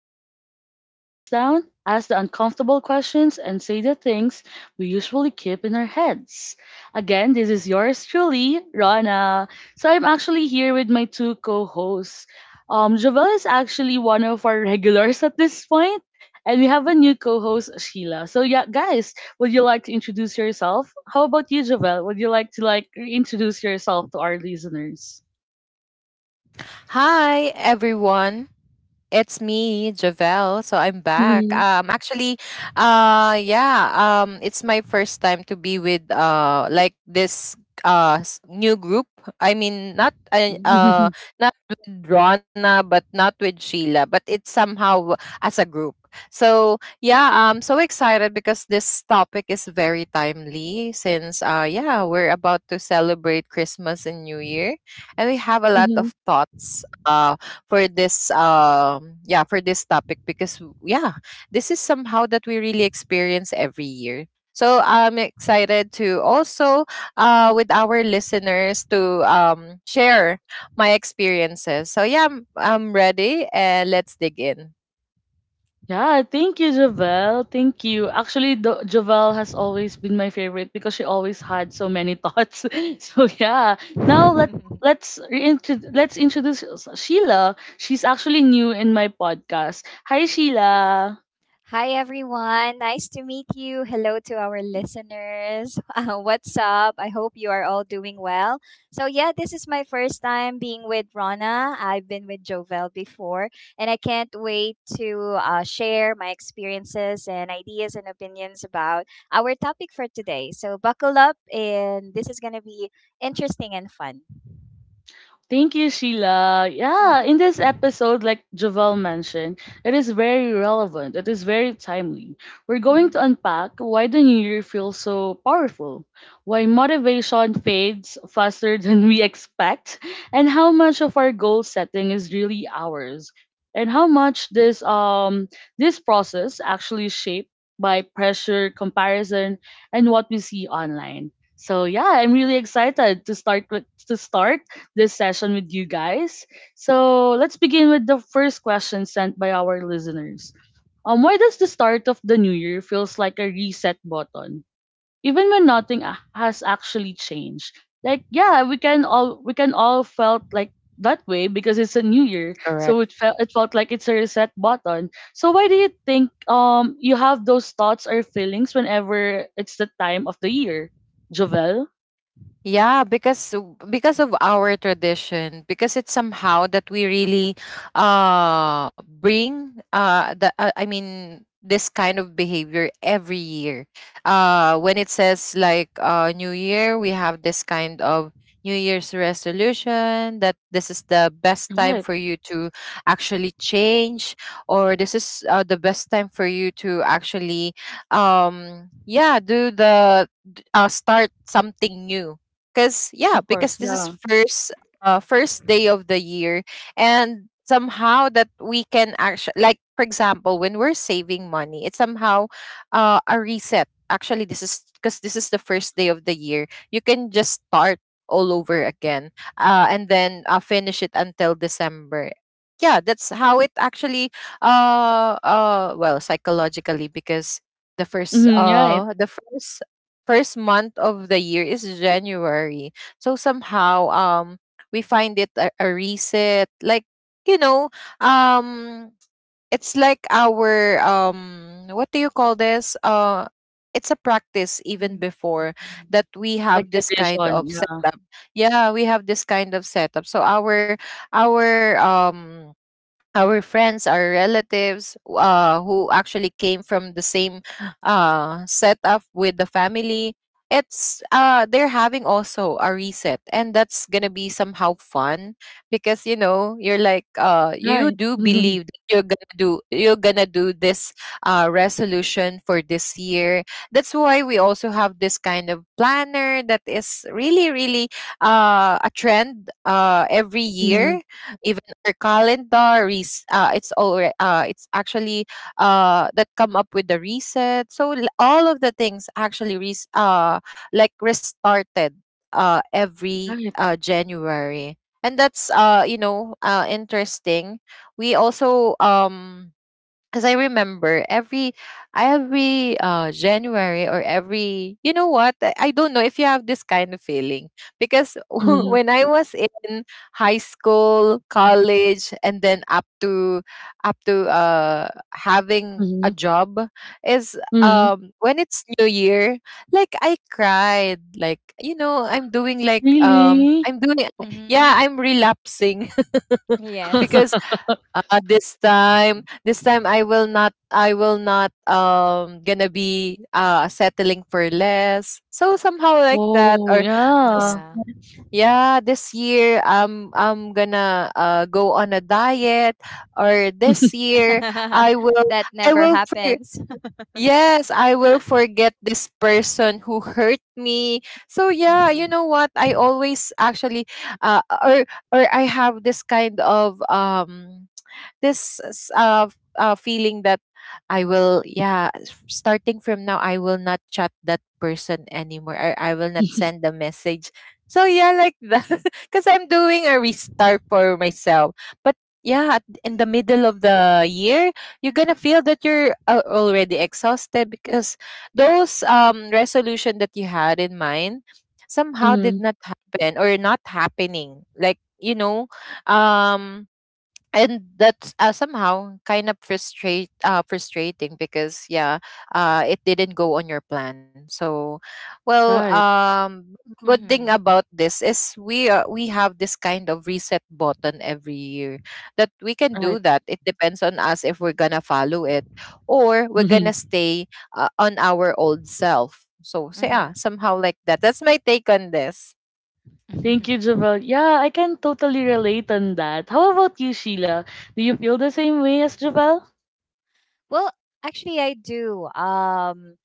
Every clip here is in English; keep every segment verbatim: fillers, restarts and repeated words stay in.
where we slow things down, ask the uncomfortable questions, and say the things we usually keep in our heads. Again, this is yours truly, Rana. So I'm actually here with my two co-hosts. Um, Javel is actually one of our regulars at this point, and we have a new co-host, Sheila. So yeah, guys, would you like to introduce yourself? How about you, Javel? Would you like to like introduce yourself to our listeners? Hi, everyone. It's me, Javel. So I'm back. Um, actually, uh, yeah. Um, it's my first time to be with uh, like this uh s- new group. I mean, not uh, uh Hmm. not with Rona, but not with Sheila. But it's somehow as a group. So yeah, I'm so excited because this topic is very timely since uh yeah we're about to celebrate Christmas and New Year, and we have a lot of thoughts uh, for this um yeah for this topic because w- yeah this is somehow that we really experience every year, so I'm excited to also uh with our listeners to um share my experiences. So yeah, i'm, I'm ready and let's dig in. Yeah, thank you, Javel. Thank you. Actually, Do- Javel has always been my favorite because she always had so many thoughts. So yeah, now let let's reintro- let's introduce Sheila. She's actually new in my podcast. Hi, Sheila. Hi, everyone. Nice to meet you. Hello to our listeners. Uh, what's up? I hope you are all doing well. So, yeah, this is my first time being with Rona. I've been with Jovel before, and I can't wait to uh, share my experiences and ideas and opinions about our topic for today. So, buckle up, and this is going to be interesting and fun. Thank you, Sheila. Yeah, Mm-hmm, in this episode, like Javel mentioned, it is very relevant. It is very timely. We're mm-hmm, going to unpack why the new year feels so powerful, why motivation fades faster than we expect, and how much of our goal setting is really ours, and how much this um this process actually shaped by pressure, comparison, and what we see online. So yeah, I'm really excited to start with to start this session with you guys. So let's begin with the first question sent by our listeners. Um, why does the start of the new year feels like a reset button, even when nothing a- has actually changed? Like, yeah, we can all we can all felt like that way because it's a new year, so Correct. it felt it felt like it's a reset button. So why do you think um you have those thoughts or feelings whenever it's the time of the year, Jovel? Yeah, because because of our tradition, because it's somehow that we really uh bring uh the uh, I mean this kind of behavior every year. Uh when it says like uh new year, we have this kind of new year's resolution that this is the best time Right, for you to actually change, or this is uh, the best time for you to actually um yeah, do the d- uh, start something new, because yeah, of course, because this is yeah. first, uh, first day of the year. And somehow that we can actually, like for example when we're saving money, it's somehow uh, a reset. Actually this is because this is the first day of the year, you can just start all over again, uh, and then uh, finish it until December. Yeah, that's how it actually uh uh well, psychologically, because the first Mm-hmm, right. uh the first first month of the year is January. So somehow, um we find it a, a reset. Like, you know, um it's like our, um what do you call this, uh it's a practice even before, that we Like have this kind tradition, of yeah. setup. Yeah, we have this kind of setup, so our, our um our friends, our relatives uh who actually came from the same uh setup with the family, it's uh they're having also a reset, and that's gonna be somehow fun because you know, you're like, uh you Right. do Mhm, believe you're gonna do, you're gonna do this uh, resolution for this year. That's why we also have this kind of planner that is really really uh, a trend uh, every mhm, year. Even our calendar is uh, it's already uh, it's actually uh, that come up with the reset, so l- all of the things actually res- uh, like restarted uh, every right. uh, January. And that's uh you know, uh interesting. We also um as I remember every every uh January, or every, you know what, I I don't know if you have this kind of feeling because Mhm, when I was in high school, college, and then up to up to uh having a mhm, job, is mhm. um when it's new year, like I cried, like you know, I'm doing like, um Really? I'm doing, yeah, mm-hmm. I'm relapsing. Yes. Because uh, this time this time I will not, I will not um gonna be uh settling for less. So somehow like that. Oh, Or this, yeah. Yeah. yeah, this year um I'm gonna uh go on a diet, or this year I will, That i never will for- happens. yes, I will forget this person who hurt me. So yeah, you Mm-hmm. know what, I always actually uh or or I have this kind of um this s- uh, f- uh, feeling that I will, yeah, s- starting from now, I will not chat that person anymore. Or I will not send a message. So yeah, like that, because I'm doing a restart for myself. But yeah, at- in the middle of the year, you're gonna feel that you're uh, already exhausted because those um resolution that you had in mind somehow Mm, did not happen or not happening. Like, you know, um and that's uh, somehow kind of frustrate uh, frustrating, because yeah, uh, it didn't go on your plan. So well, right, um good thing Hmm. about this is we, uh, we have this kind of reset button every year that we can do. right. That it depends on us if we're gonna follow it, or we're gonna stay uh, on our old self. So, so Hmm. yeah, somehow like that. That's my take on this. Thank you, Mm-hmm. Javel. Yeah, I can totally relate on that. How about you, Sheila? Do you feel the same way as Javel? Well, actually, I do. Um,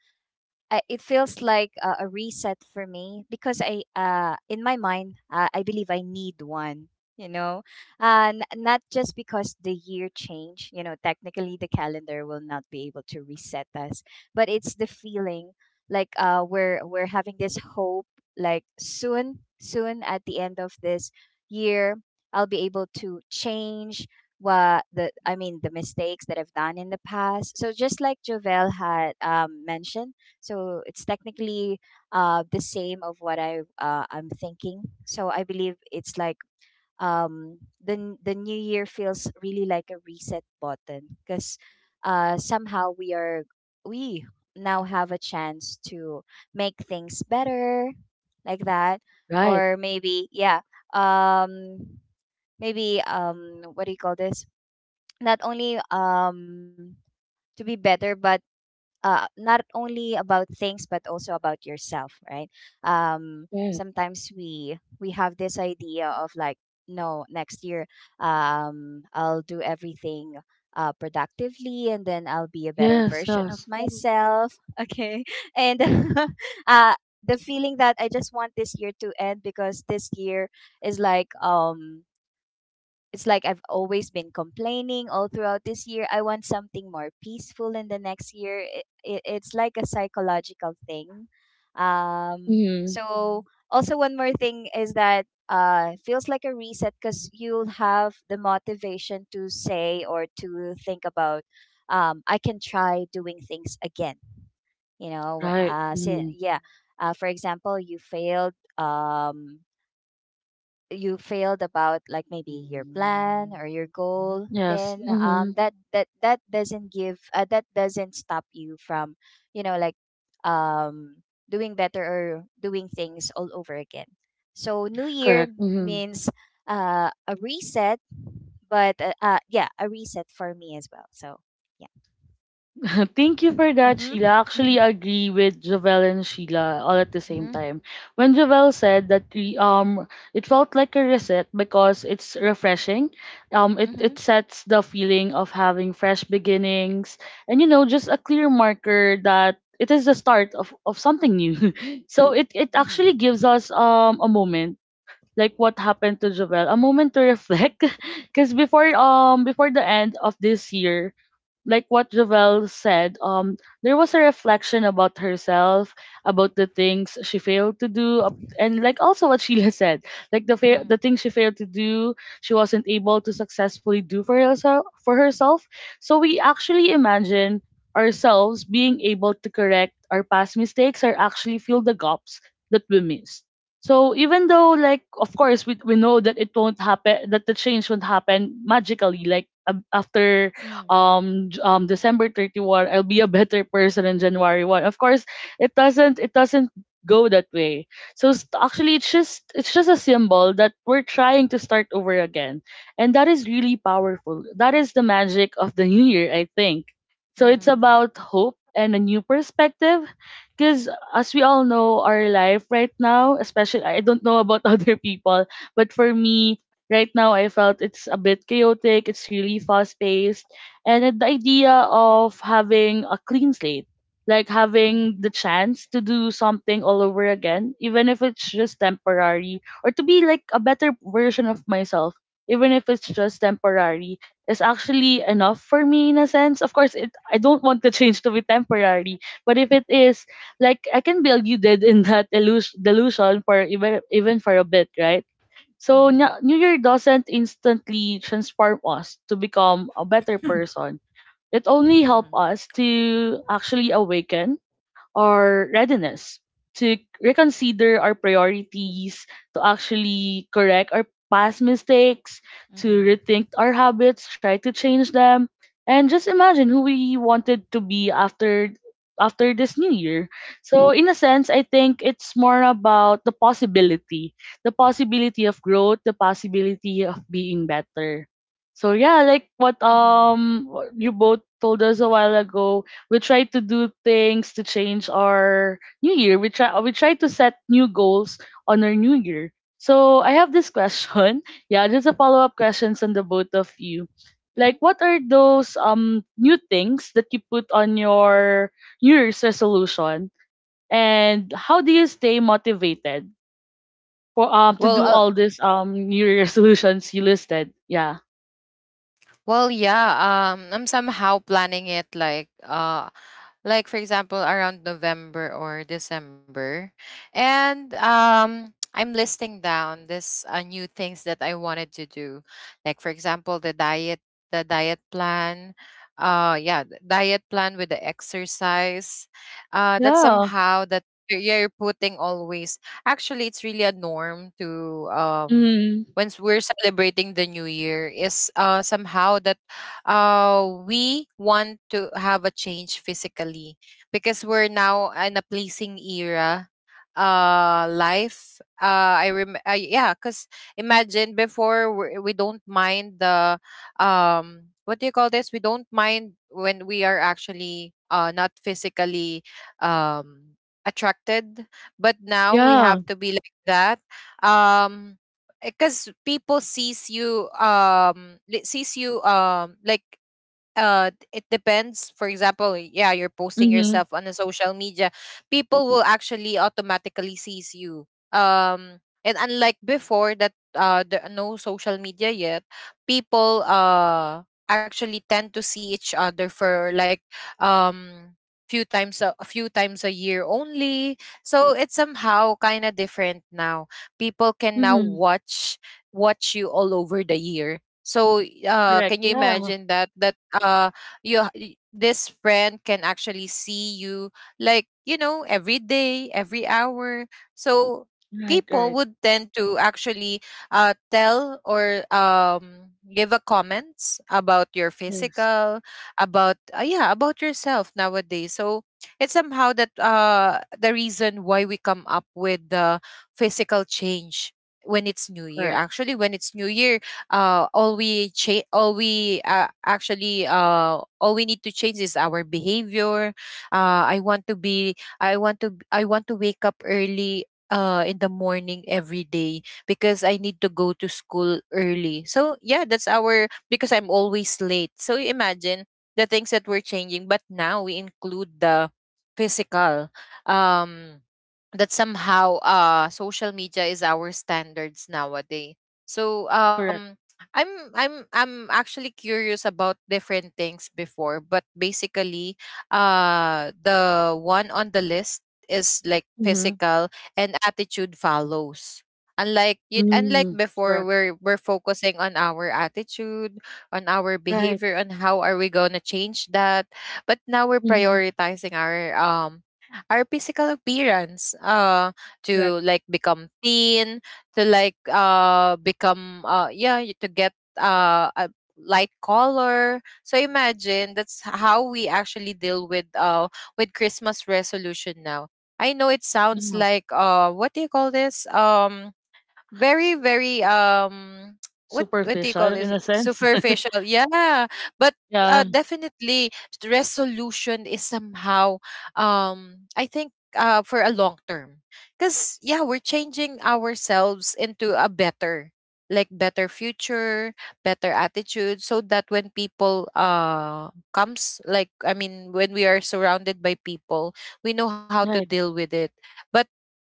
I, it feels like a, a reset for me because I, uh, in my mind, uh, I believe I need one. You know, uh, n- not just because the year change. You know, technically the calendar will not be able to reset us, but it's the feeling, like, uh, we're we're having this hope. Like, soon, soon at the end of this year, I'll be able to change what the I mean, the mistakes that I've done in the past. So, just like Jovel had um, mentioned, so it's technically uh, the same of what I uh, I'm thinking. So I believe it's like um, the n- the new year feels really like a reset button because uh, somehow we are we now have a chance to make things better, like that, Right, or maybe, yeah, um, maybe um, what do you call this? Not only um to be better but uh, not only about things but also about yourself, right? um right. sometimes we we have this idea of like, no, next year um I'll do everything uh, productively, and then I'll be a better Yes, version of yes. myself. Okay, and uh the feeling that I just want this year to end because this year is like um it's like I've always been complaining all throughout this year. I want something more peaceful in the next year. It, it, it's like a psychological thing. Um, Mm, So also one more thing is that uh it feels like a reset because you'll have the motivation to say or to think about um I can try doing things again. You know, right. uh, say, Mm. yeah. Uh, for example, you failed. Um, you failed about, like, maybe your plan Mm. or your goal, Yes. then, yeah. Mm-hmm. um that that that doesn't give uh, that doesn't stop you from, you know, like, um doing better or doing things all over again. So, new year Correct. Hmm. means uh a reset. But, uh, uh yeah, a reset for me as well, so yeah. Thank you for that, Mhm. Sheila. Actually, Mhm. I agree with Jovel and Sheila all at the same Mhm. time. When Jovel said that we, um it felt like a reset because it's refreshing. Um it, it Mhm. sets the feeling of having fresh beginnings and, you know, just a clear marker that it is the start of, of something new. So it, it Mhm. actually gives us um a moment like what happened to Jovel, a moment to reflect. 'Cause before um before the end of this year, like what Javel said, um, there was a reflection about herself, about the things she failed to do, up- and like also what Sheila said, like the fa- the things she failed to do, she wasn't able to successfully do for herself for herself. So we actually imagine ourselves being able to correct our past mistakes or actually fill the gaps that we missed. So even though like of course we, we know that it won't happen, that the change won't happen magically like ab- after Mhm. um J- um December thirty-first. I'll be a better person in January first. Of course, it doesn't it doesn't go that way. So s- actually it's just it's just a symbol that we're trying to start over again. And that is really powerful. That is the magic of the new year, I think. So it's Mhm. about hope and a new perspective because, as we all know, our life right now, especially, I don't know about other people, but for me right now, I felt it's a bit chaotic. It's really fast paced. And then the idea of having a clean slate, like Mhm. having the Mhm. chance to do something all over again, even if it's just temporary, or to be like a better version of myself, even if it's just temporary, is actually enough for me in a sense. Of course, it I don't want the change to be temporary, but if it is, like I can be deluded in that illus- delusion for even even for a bit, right? So Mhm. nya- New Year doesn't instantly transform us to become a better person. It only helped us to actually awaken our readiness to reconsider our priorities, to actually correct our past mistakes, to Mhm. rethink our habits, try to change them, and just imagine who we wanted to be after after this new year. So in a sense, I think it's more about the possibility, the possibility of growth, the possibility of being better. So yeah, like what Mhm. um you both told us a while ago, we try to do things to change our new year. We try we try to set new goals on our new year. So I have this question, yeah, just a follow-up questions on the both of you, Mhm. like what are those um new things that you put on your new year's resolution, and how do you stay motivated for um to Well, do uh, all these um new year's resolutions you listed? Yeah. well, yeah. Um, I'm somehow planning it like uh like for example around November or December. And um I'm listing down this uh, new things that I wanted to do. Like for example the diet, the diet plan. Uh yeah, the diet plan with the exercise. Uh that Yeah, somehow that you're you're putting always. Actually it's really a norm to, um Mm-hmm. once we're celebrating the new year, is uh somehow that uh, we want to have a change physically because we're now in a placing era uh life uh I rem uh, yeah, because imagine before, we're- we we do not mind the, um what do you call this, we don't mind when we are actually uh not physically um attracted, but now we Yeah. have to be like that. um because people sees you um li- sees you um like uh d- it depends, for example, yeah, you're posting Mm-hmm. yourself on a social media, people will actually automatically sees you, um and unlike before that uh there are no social media yet. People uh actually tend to see each other for like um few times, a, a few times a year only. So it's somehow kind of different now. People can now Mm-hmm. watch watch you all over the year. So uh Correct, can you yeah. imagine that, that uh you, y- this friend can actually see you like, you know, every day, every hour. So Right, people right. would tend to actually uh tell or um give a comments about your Yes, physical, about, uh, yeah, about yourself nowadays. So it's somehow that uh the reason why we come up with the physical change when it's new year. correct, Actually when it's new year, uh, all we cha- all we uh, actually uh, all we need to change is our behavior. Uh, I want to be I want to b- I want to wake up early uh, in the morning every day because I need to go to school early. So yeah, that's our, because I'm always late. So imagine the things that we're changing, but now we include the physical. Um, that somehow uh social media is our standards nowadays. So correct. um i'm i'm I'm actually curious about different things before, but basically uh the one on the list is like Mm-hmm. physical, and attitude follows. Unlike you unlike Mm-hmm. before, Correct. we're we're focusing on our attitude, on our Right. behavior, on how are we going to change that. But now we're Mm-hmm. prioritizing our, um our physical appearance, uh Correct. to like become thin, to like uh become uh yeah, y- to get uh a light color. So imagine that's how we actually deal with uh with Christmas resolution now. I know it sounds Yeah. like, uh what do you call this, um very S- very um what what do you call superficial in this, a sense. superficial, yeah. But uh, Yeah. definitely the resolution is somehow, um I think uh for a long term, because yeah, we're changing ourselves into a better, like better future, better attitude, so that when people uh comes, like I mean when we are surrounded by people, we know how to Right. deal with it. But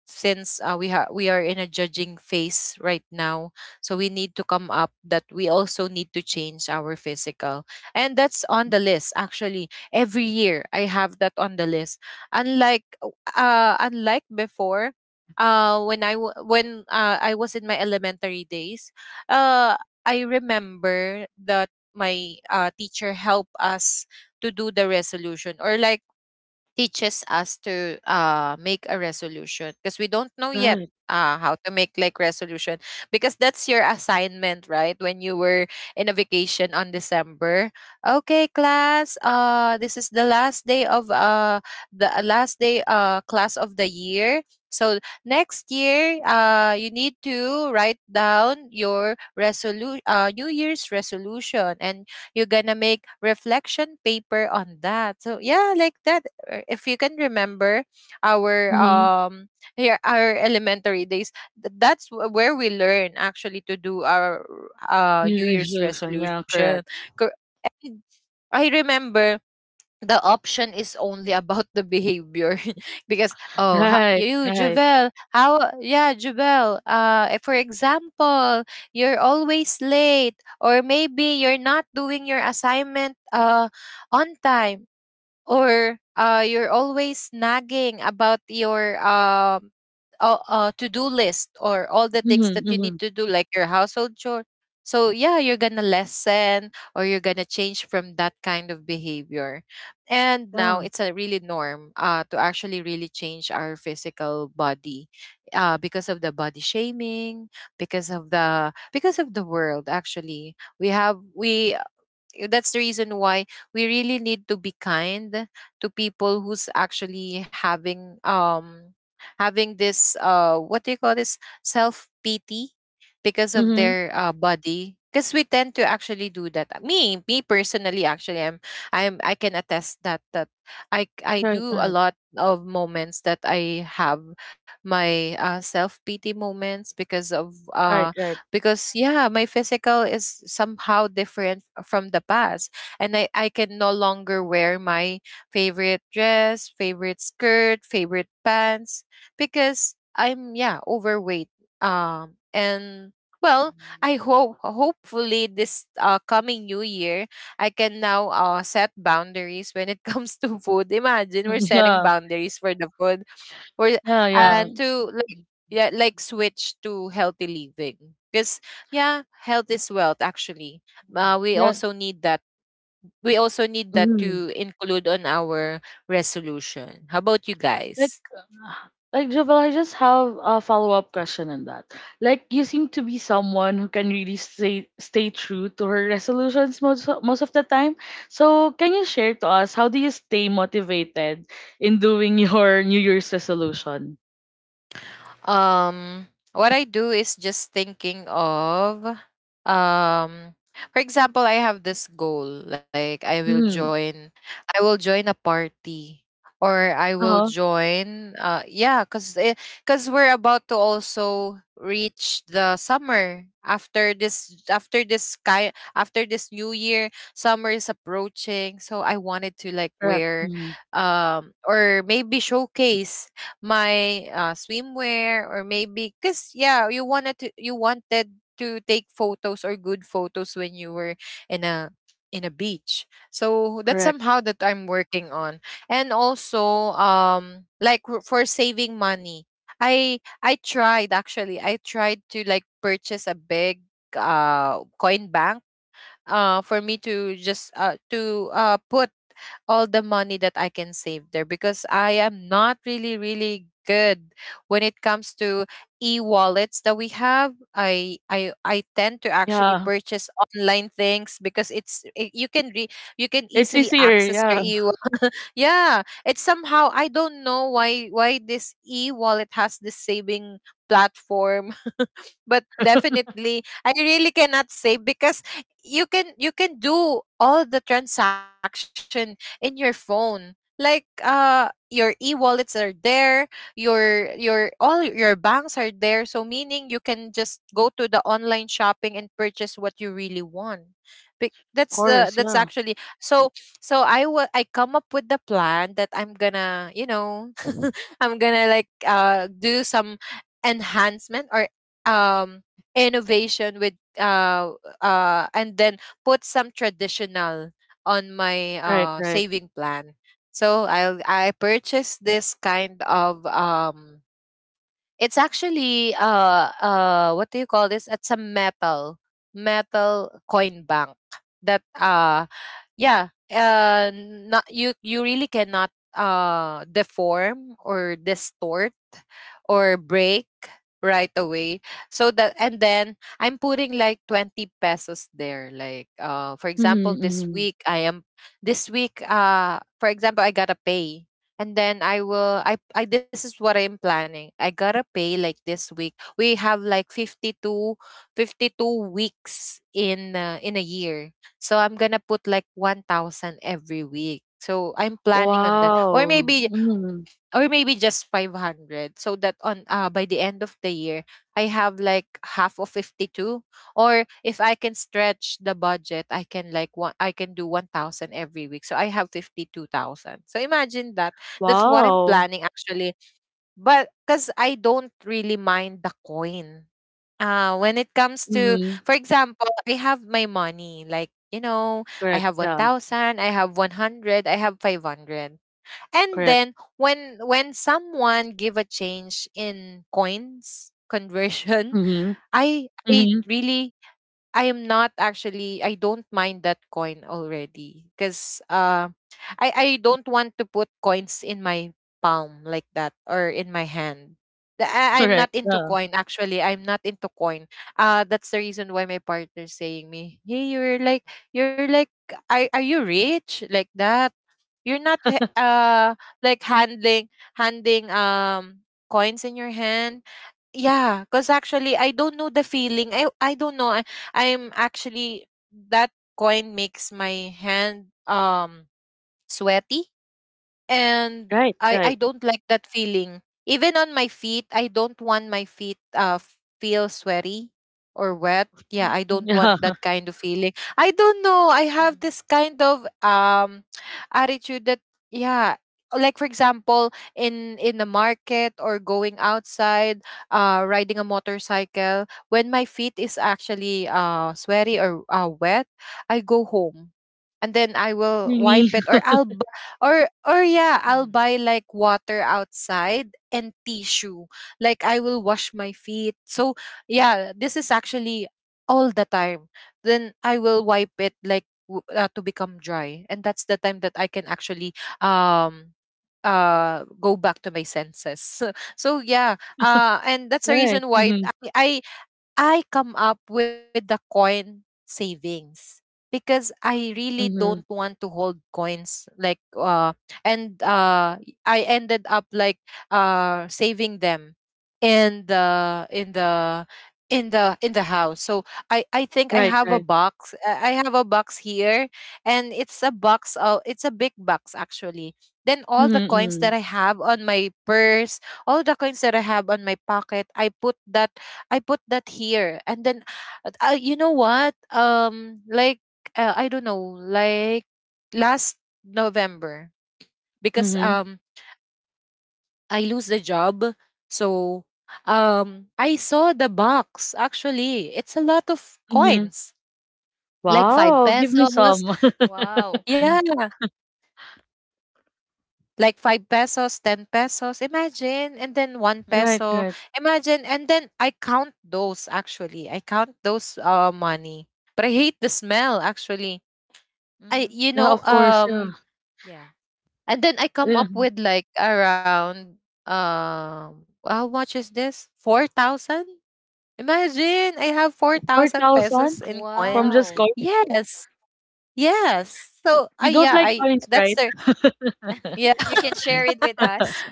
since uh, we ha- we are in a judging phase right now, so we need to come up that we also need to change our physical. And that's on the list actually. Every year I have that on the list. Unlike uh unlike before, uh when I w- when uh, I was in my elementary days. uh I remember that my uh, teacher helped us to do the resolution, or like teaches us to uh, make a resolution, because we don't know yet Right. uh, how to make like resolution, because that's your assignment, right, when you were in a vacation on December. Okay class, uh this is the last day of uh the uh, last day uh class of the year, so next year uh you need to write down your resolu uh new year's resolution, and you're gonna make reflection paper on that. So yeah, like that, uh, if you can remember our, Mm-hmm. um here our elementary days, th- that's wh- where we learn actually to do our uh new New year's resolution. Yeah. resolution. Correct. Cor- I remember the option is only about the behavior. Because, oh, ha- Right. you, Right. Javel, how, yeah, Javel, uh eh, for example you're always late, or maybe you're not doing your assignment uh on time, or uh, you're always nagging about your, um, uh, uh, to-do list, or all the things Mm-hmm. that you Mm-hmm. need to do like your household chore. So yeah, you're gonna lessen or you're gonna change from that kind of behavior. And now Yeah. it's a really norm uh, to actually really change our physical body, uh, because of the body shaming, because of the because of the world actually we have we that's the reason why we really need to be kind to people who's actually having um having this uh what do you call this, self pity, because of Mm-hmm. their uh, body, because we tend to actually do that. Me me personally, actually i'm i'm I can attest that that i i Right. do a Right. lot of moments that I have my uh, self pity moments because of Right. uh Right. because yeah my physical is somehow different from the past, and i i can no longer wear my favorite dress, favorite skirt, favorite pants, because I'm, yeah, overweight. Um and well I hope, hopefully this uh, coming new year I can now uh, set boundaries when it comes to food. Imagine, we're setting Yeah. boundaries for the food we're, Yeah. Yeah. and to, yeah, like switch to healthy living, because yeah, health is wealth actually. Uh, we Yeah. also need that, we also need that Mm-hmm. to include on our resolution. How about you Like, guys? uh, like Jovel, I just have a follow up question on that. Like, you seem to be someone who can really stay stay true to her resolutions most o- most of the time. So, can you share to us how do you stay motivated in doing your New Year's resolution? Um, what I do is just thinking of, um, for example, I have this goal, like I will Mm-hmm. join, I will join a party, or I Uh will huh. join, uh, yeah, cause, eh, cause we're about to also reach the summer after this, after this sky, after this new year. Summer is approaching, so I wanted to like Correct. wear, Mm-hmm. um, or maybe showcase my uh, swimwear, or maybe because yeah, you wanted to you wanted to take photos, or good photos, when you were in a in a beach. So that's Correct. somehow that I'm working on. And also, um, like w- for saving money, i i tried, actually I tried to like purchase a big, uh, coin bank, uh, for me to just, uh, to uh, put all the money that I can save there, because I am not really really good when it comes to e-wallets that we have. I i i tend to actually Yeah, purchase online things because it's I- you can re, you can it's easily easier. access your Yeah, e. Yeah, it's somehow, I don't know why why this e-wallet has this saving platform. But of definitely I really cannot say because you can you can do all the transaction in your phone. Like, uh, your e-wallets are there, your your all your banks are there. So meaning you can just go to the online shopping and purchase what you really want. Bec- That's the course. that's Yeah. actually so so I will, I come up with the plan that I'm gonna, you know, I'm gonna like, uh, do some enhancement, or um innovation with uh uh and then put some traditional on my, Right. uh, Right. saving plan. So I'll, I purchased this kind of, um, it's actually, uh, uh, what do you call this? It's a metal metal coin bank, that, uh, yeah, uh, not you, you really cannot, uh, deform or distort or break right away. So that, and then I'm putting like twenty pesos there. Like, uh, for example, Mm-hmm, this mm-hmm. week i am this week, uh, for example, I gotta pay, and then I will I, I this is what I'm planning. I gotta pay like this week, we have like fifty two, fifty two weeks in, uh, in a year. So I'm gonna put like one thousand every week. So I'm planning on that. Or Wow. maybe, Mm-hmm. or maybe just five hundred, so that on, uh, by the end of the year I have like half of fifty two. Or if I can stretch the budget, I can like one, I can do one thousand every week. So I have fifty two thousand. So imagine that. That's what I'm Wow. planning actually. But cuz I don't really mind the coin, uh, when it comes to, Mm-hmm. for example, I have my money, like, you know, I Correct. have Yeah. one thousand, I have one hundred, I have five hundred. And Correct. then when when someone give a change in coins conversion, Mhm. I I Mhm. really, I am not actually, I don't mind that coin already because, uh, I I don't want to put coins in my palm like that, or in my hand. The- I, I'm not Correct. into Yeah. coin actually. I'm not into coin. Uh, that's the reason why my partner's saying me, "Hey, you're like you're like, are, are you rich like that? You're not he- uh, like handling, handing, um, coins in your hand." Yeah, because actually I don't know the feeling. I I don't know. I, I'm actually, that coin makes my hand, um, sweaty. And Right. I I Right. don't like that feeling. Even on my feet, I don't want my feet, uh, f- feel sweaty or wet. Yeah, Mm, I don't want yeah. that kind of feeling. I don't know. I have Mhm. this kind of, um, attitude that, yeah, like for example, in in the market or going outside, uh, riding a motorcycle, when my feet is actually, uh, sweaty or, uh, wet, I go home and then I will Really. wipe it, or I'll b- or or yeah, I'll Mhm. buy like water outside, and tissue. Like I will wash my feet. So yeah, this is actually all the time. Then I will wipe it like w- uh, to become dry, and that's the time that I can actually, um, uh, go back to my senses. So yeah, uh, and that's the Right. reason why Mhm. I I I come up with the coin savings, because I really don't Mhm. want to hold coins like, uh, and uh, y- I ended up like, uh, saving them in the in the in the in the house. So I I think I Right. have a Right. box. I I have a box here. And it's a box, uh, it's a big box actually. Then all Mhm. the coins Mhm. that I have on my purse, all the coins that I have on my pocket, I put that, I put that here. And then, uh, uh, you know what? Um, like, uh, I don't know, like last November, because, Mhm. um, I lose the job. So, um, I saw the box. Actually, it's a lot of Mhm. coins, like five Wow. Give me pesos. some. Wow. Yeah, like five pesos, ten pesos. Imagine, and then one Right. peso. Right. Imagine, and then I count those. Actually, I count those, uh, money. But I hate the smell actually. I, Mhm. you Yeah. know, Of course. Yeah. um, Yeah. and then I come Yeah. up with like around, um, how much is this? four thousand? Imagine, I have Four four thousand thousand pesos in from coin. just Wow. coin. Wow. Yes. Yes. So I, You don't yeah, like I, coins, that's right? the, yeah, You can share it with us.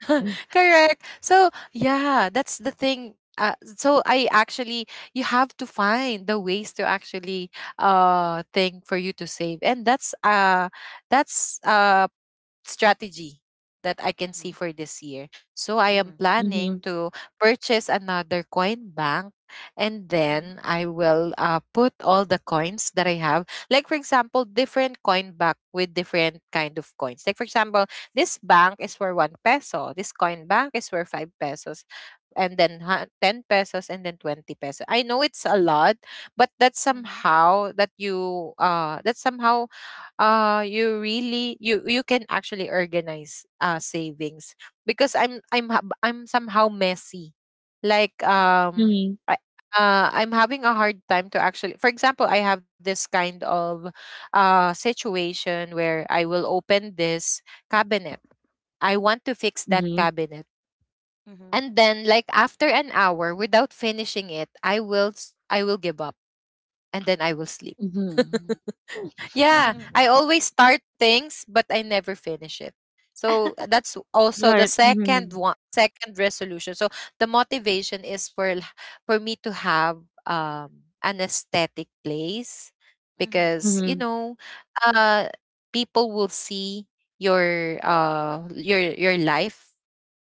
correct. So yeah, that's the thing. Uh, so I actually, you have to find the ways to actually, uh, thing for you to save. And that's uh that's uh strategy that I can see Mhm. for this year. So I am Mhm. planning Mhm. to purchase another coin bank, and Mhm. then I will, uh, put all the coins that I have. Like for example, different coin bank with different kind of coins. Like for example, this bank is for one peso, this coin bank is for five pesos, and then hu- ten pesos, and then twenty pesos. I know it's a lot, but that's Mhm. somehow that you, uh, that's somehow, uh, you really, you you can actually organize, uh, savings, because i'm i'm hab- I'm somehow messy. Like, Mhm. um, Mhm. I, uh, I'm having a hard time to actually. For example, I have this kind of, uh, situation where I will open this cabinet. I want to fix that Mhm. cabinet, Mhm. and then like after an hour, without finishing it, I will s- I will give up, and then I will sleep. Mhm. Yeah, I always start things, but I never finish it. So that's also the Right. second Mhm. one, second resolution. So the motivation is for l- for me to have, um, an aesthetic place. Because, Mhm. you Mhm. know, uh, people will see your, uh, your your life,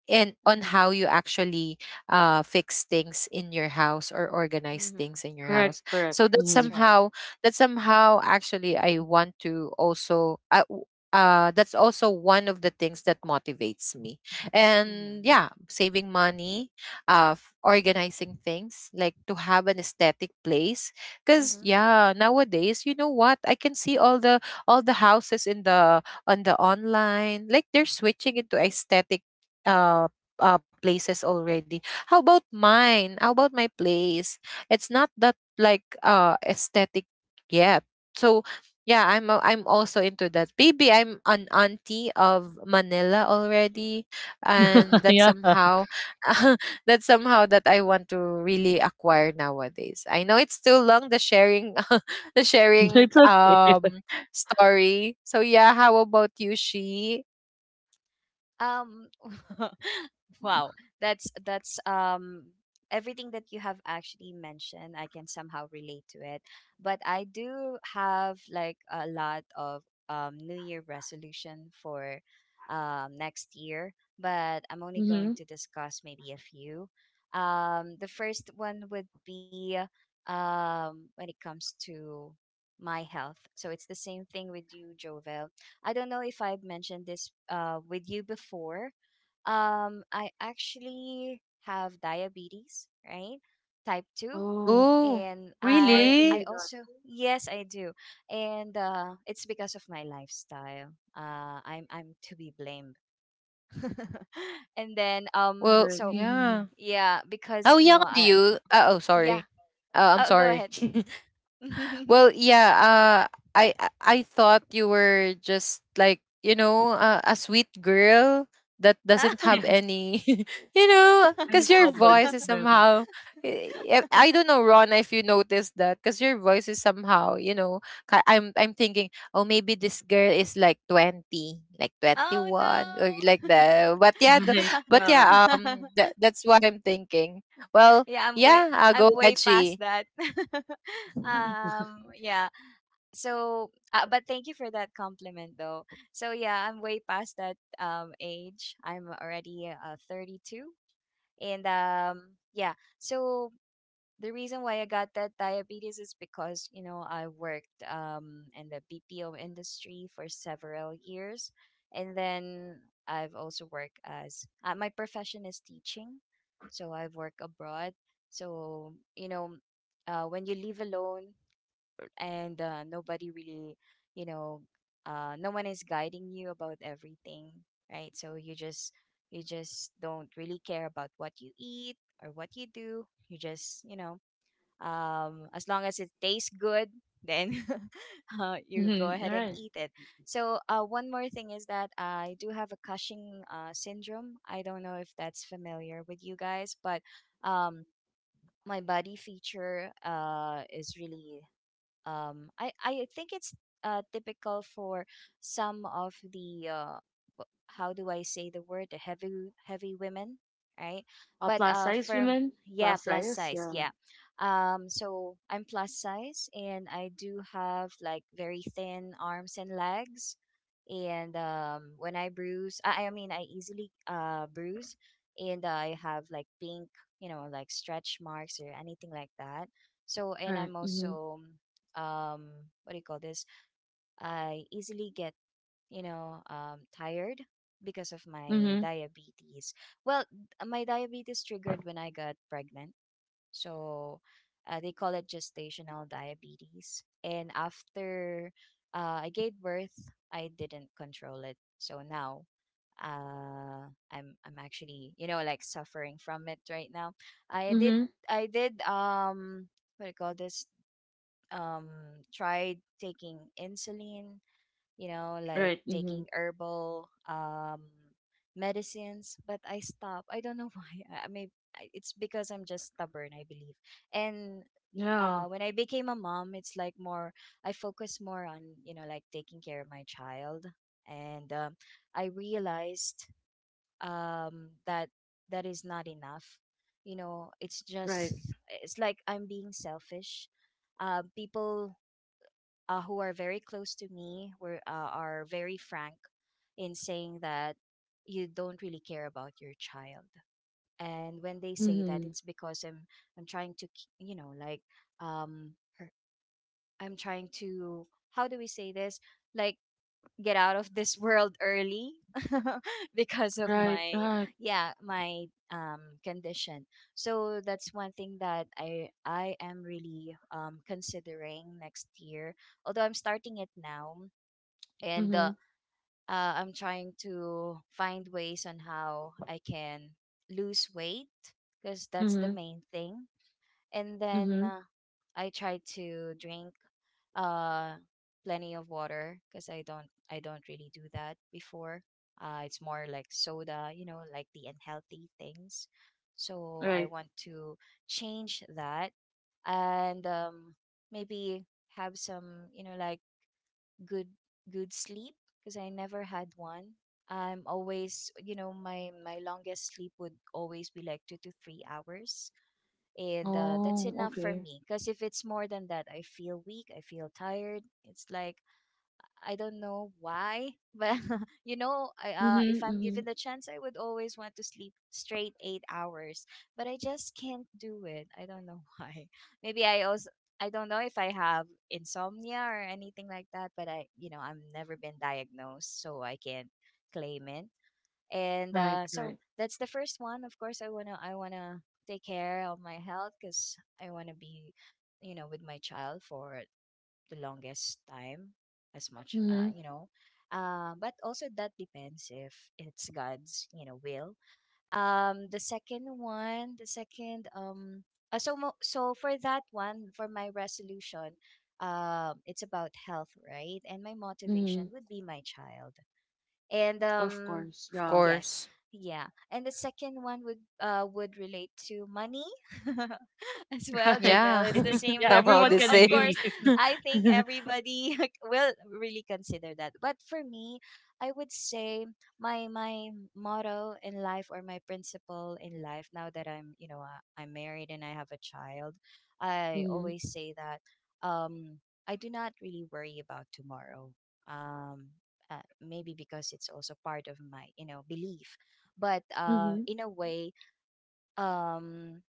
and on Mhm. how you actually, uh, fix things in your house, or organize Mhm. things in your Correct. house. Correct. So that That's Mhm. right. somehow, that somehow actually I want to also, I w- uh, that's also one of the things that motivates me. And Mhm. yeah, saving money, uh, f- organizing things, like to have an aesthetic place, because Mhm. yeah, nowadays, you know what, I can see all the, all the houses in the, on the online, like they're switching into aesthetic, uh, uh, places already. How about mine? How about my place? It's not that like, uh, aesthetic yet. So yeah, I'm a- I'm also into that. Maybe I'm an auntie of Manila already, and that Yeah. somehow that somehow that I want to really acquire nowadays. I know it's too long the sharing the sharing, It's okay. um, story. So yeah, how about you, she? Um, wow, that's that's um everything that you have actually mentioned, I can somehow relate to it. But I do have, like, a lot of um New Year resolution for um next year, but I'm only going Mhm. to discuss maybe a few. Um, the first one would be um when it comes to my health. So it's the same thing with you, Jovel. I don't know if I've mentioned this uh, with you before. Um, I actually have diabetes, right? Type two. Oh, Oh, And I'm I sorry I to really? hear also. that. Yes, I do. And uh, it's because of my lifestyle. Uh, I'm I'm to be blamed. And then um Well, Right. so, Mm-hmm. yeah. yeah, How because you know young do I, you? Uh, oh, yeah. sorry. Uh, I'm Oh, go sorry. ahead. Well, yeah, uh, I I I thought you were just like, you know, uh, a sweet girl that doesn't have Yes. any, you know, Any because your voice problems is for somehow, I I don't know Ron, if you noticed that, because your voice is somehow, you know, ki- I'm I'm thinking, oh maybe this girl is like twenty, like twenty one, or Oh, like that. But yeah, the, Right. no. but Yeah. yeah, um, that, that's what I'm thinking. Well, Yeah, I'm way yeah, I'll go I'm way past edgy. that. um, yeah. So, uh, but thank you for that compliment, though. So yeah, I'm way past that um age. I'm already uh thirty-two, and um yeah. So the reason why I got that diabetes is because, you know, I worked um, in the B P O industry for several years. And then I've also worked as uh, my profession is teaching. So I've worked abroad. So, you know, uh, when you live alone and uh, nobody really, you know, uh, no one is guiding you about everything, right? So you just, you just don't really care about what you eat or what you do. You just, you know, um, as long as it tastes good, then uh, you go Mm-hmm. ahead All and right. eat it. So uh, one more thing is that I do have a cushing uh, syndrome. I don't know if that's familiar with you guys, but um, my body feature uh, is really um i I think it's uh typical for some of the uh wh- how do I say the word, the heavy, heavy women, right? Uh, But plus uh size for, women? yeah, Plus plus size? size, Yeah. yeah. um so I'm plus size, and I do have, like, very thin arms and legs. And um when I bruise, i, I mean, I easily uh bruise. And I have, like, pink, you know, like stretch marks or anything like that. So, and Right. I'm Mm-hmm. also um what do you call this? I easily get, you know, um tired because of my Mm-hmm. diabetes. Well, uh, my diabetes triggered when I got pregnant. So uh, they call it gestational diabetes, and after uh, I gave birth, I didn't control it, so now uh i'm i'm actually, you know, like suffering from it right now. i did Mm-hmm. I did um what do you call this, um tried taking insulin, you know, like Right. Mm-hmm. taking herbal um medicines, but I stopped. I don't know why. I mean, it's because I'm just stubborn, I believe. And Yeah. uh, when I became a mom, it's like, more, I focus more on, you know, like taking care of my child. And um, I realized um, that that is not enough, you know. it's just Right. it's like I'm being selfish. uh, people uh, who are very close to me were uh, are very frank in saying that, "You don't really care about your child." And when they say that, Mm-hmm. it's because I'm I'm trying to, k- you know, like, um her, I'm trying to, how do we say this, like get out of this world early because of Right. my, Right. yeah, my um condition. So that's one thing that i i am really um considering next year, although I'm starting it now. And Mm-hmm. uh, uh I'm trying to find ways on how I can lose weight, because that's the Mm-hmm. main thing. And then Mm-hmm. uh, I try to drink uh plenty of water because I don't I don't really do that before. Uh, it's more like soda, you know, like the unhealthy things. So I Right. want to change that. And um, maybe have some, you know, like, good, good sleep, because I never had one. I'm always, you know, my my longest sleep would always be like two to three hours, and uh, that's Oh, enough for okay. me, because if it's more than that, I feel weak, I feel tired. It's like, I don't know why, but you know, I, uh, if Mm-hmm. I'm Mm-hmm. given the chance, I would always want to sleep straight eight hours, but I just can't do it. I don't know why. Maybe I also, I don't know if I have insomnia or anything like that, but I, you know, I've never been diagnosed, so I can't claim it. And Right. uh, so Right. that's the first one. Of course, i want to I want to take care of my health because I want to be, you know, with my child for the longest time, as much, uh, Mm-hmm. you know, uh, but also that depends if it's God's, you know, will. um the second one, the second um uh, so mo- so, for that one, for my resolution, um it's about health, right? And my Mm-hmm. motivation would be my child. And Of um course. Of Yeah. yes. course. Yeah. And the second one would uh would relate to money. As well, Right. Javel Yeah. I it's the think, same yeah, with Somehow everyone the you. can Of same. course, agree. I think everybody will really consider that. But for me, I would say, my my motto in life, or my principle in life, now that I'm, you know, uh, I'm married and I have a child, I Mm-hmm. always say that, um I do not really worry about tomorrow. um uh, maybe because it's also part of my, you know, belief. But uh Mm-hmm. in a way, um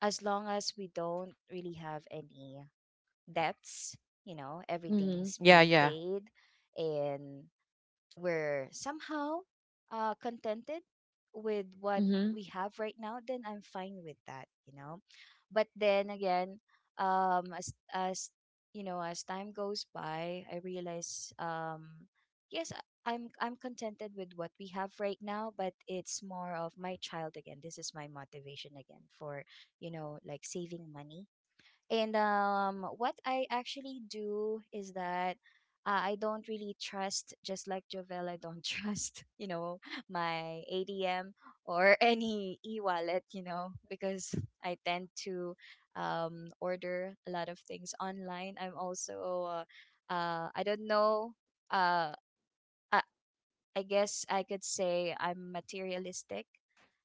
as long as we don't really have any debts, you know, Mhm. everything's yeah, being yeah. paid, and we're somehow uh, contented with what Mhm. Mhm. we have right now, then I'm fine with that, you know. But then again, um, as as you know, as time goes by, I realize, um, yes, I- I'm I'm contented with what we have right now, but it's more of my child again. This is my motivation again for, you know, like, saving money. And um, what I actually do is that, uh, I don't really trust, just like Jovel, I don't trust, you know, my A D M or any e wallet, you know, because I tend to um, order a lot of things online. I'm also, uh, uh, I don't know. Uh, I, I guess I could say I'm materialistic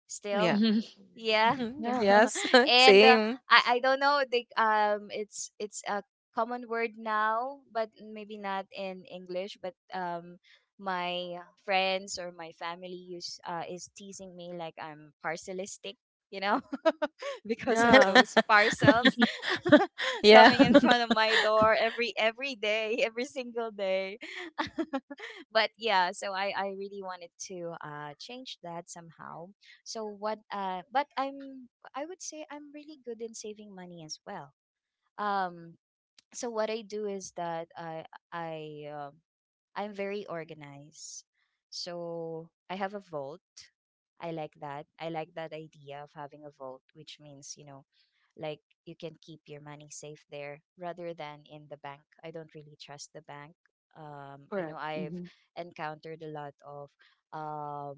still. Yeah. Yeah. Mhm. Yeah. Yes. and uh, Same. I I don't know the um it's it's a common word now, but maybe not in English, but um my friends or my family use uh is teasing me like I'm parcelistic, you know, because of Yeah. those parcels yeah. coming in front of my door every every day, every single day. But yeah, so I I really wanted to uh change that somehow. So what uh but I'm I would say I'm really good in saving money as well. Um so what I do is that I I um I'm very organized. So I have a vault. I like that. I like that idea of having a vault, which means, you know, like you can keep your money safe there rather than in the bank. I don't really trust the bank. Um, you know, Correct. I've Mhm. encountered a lot of um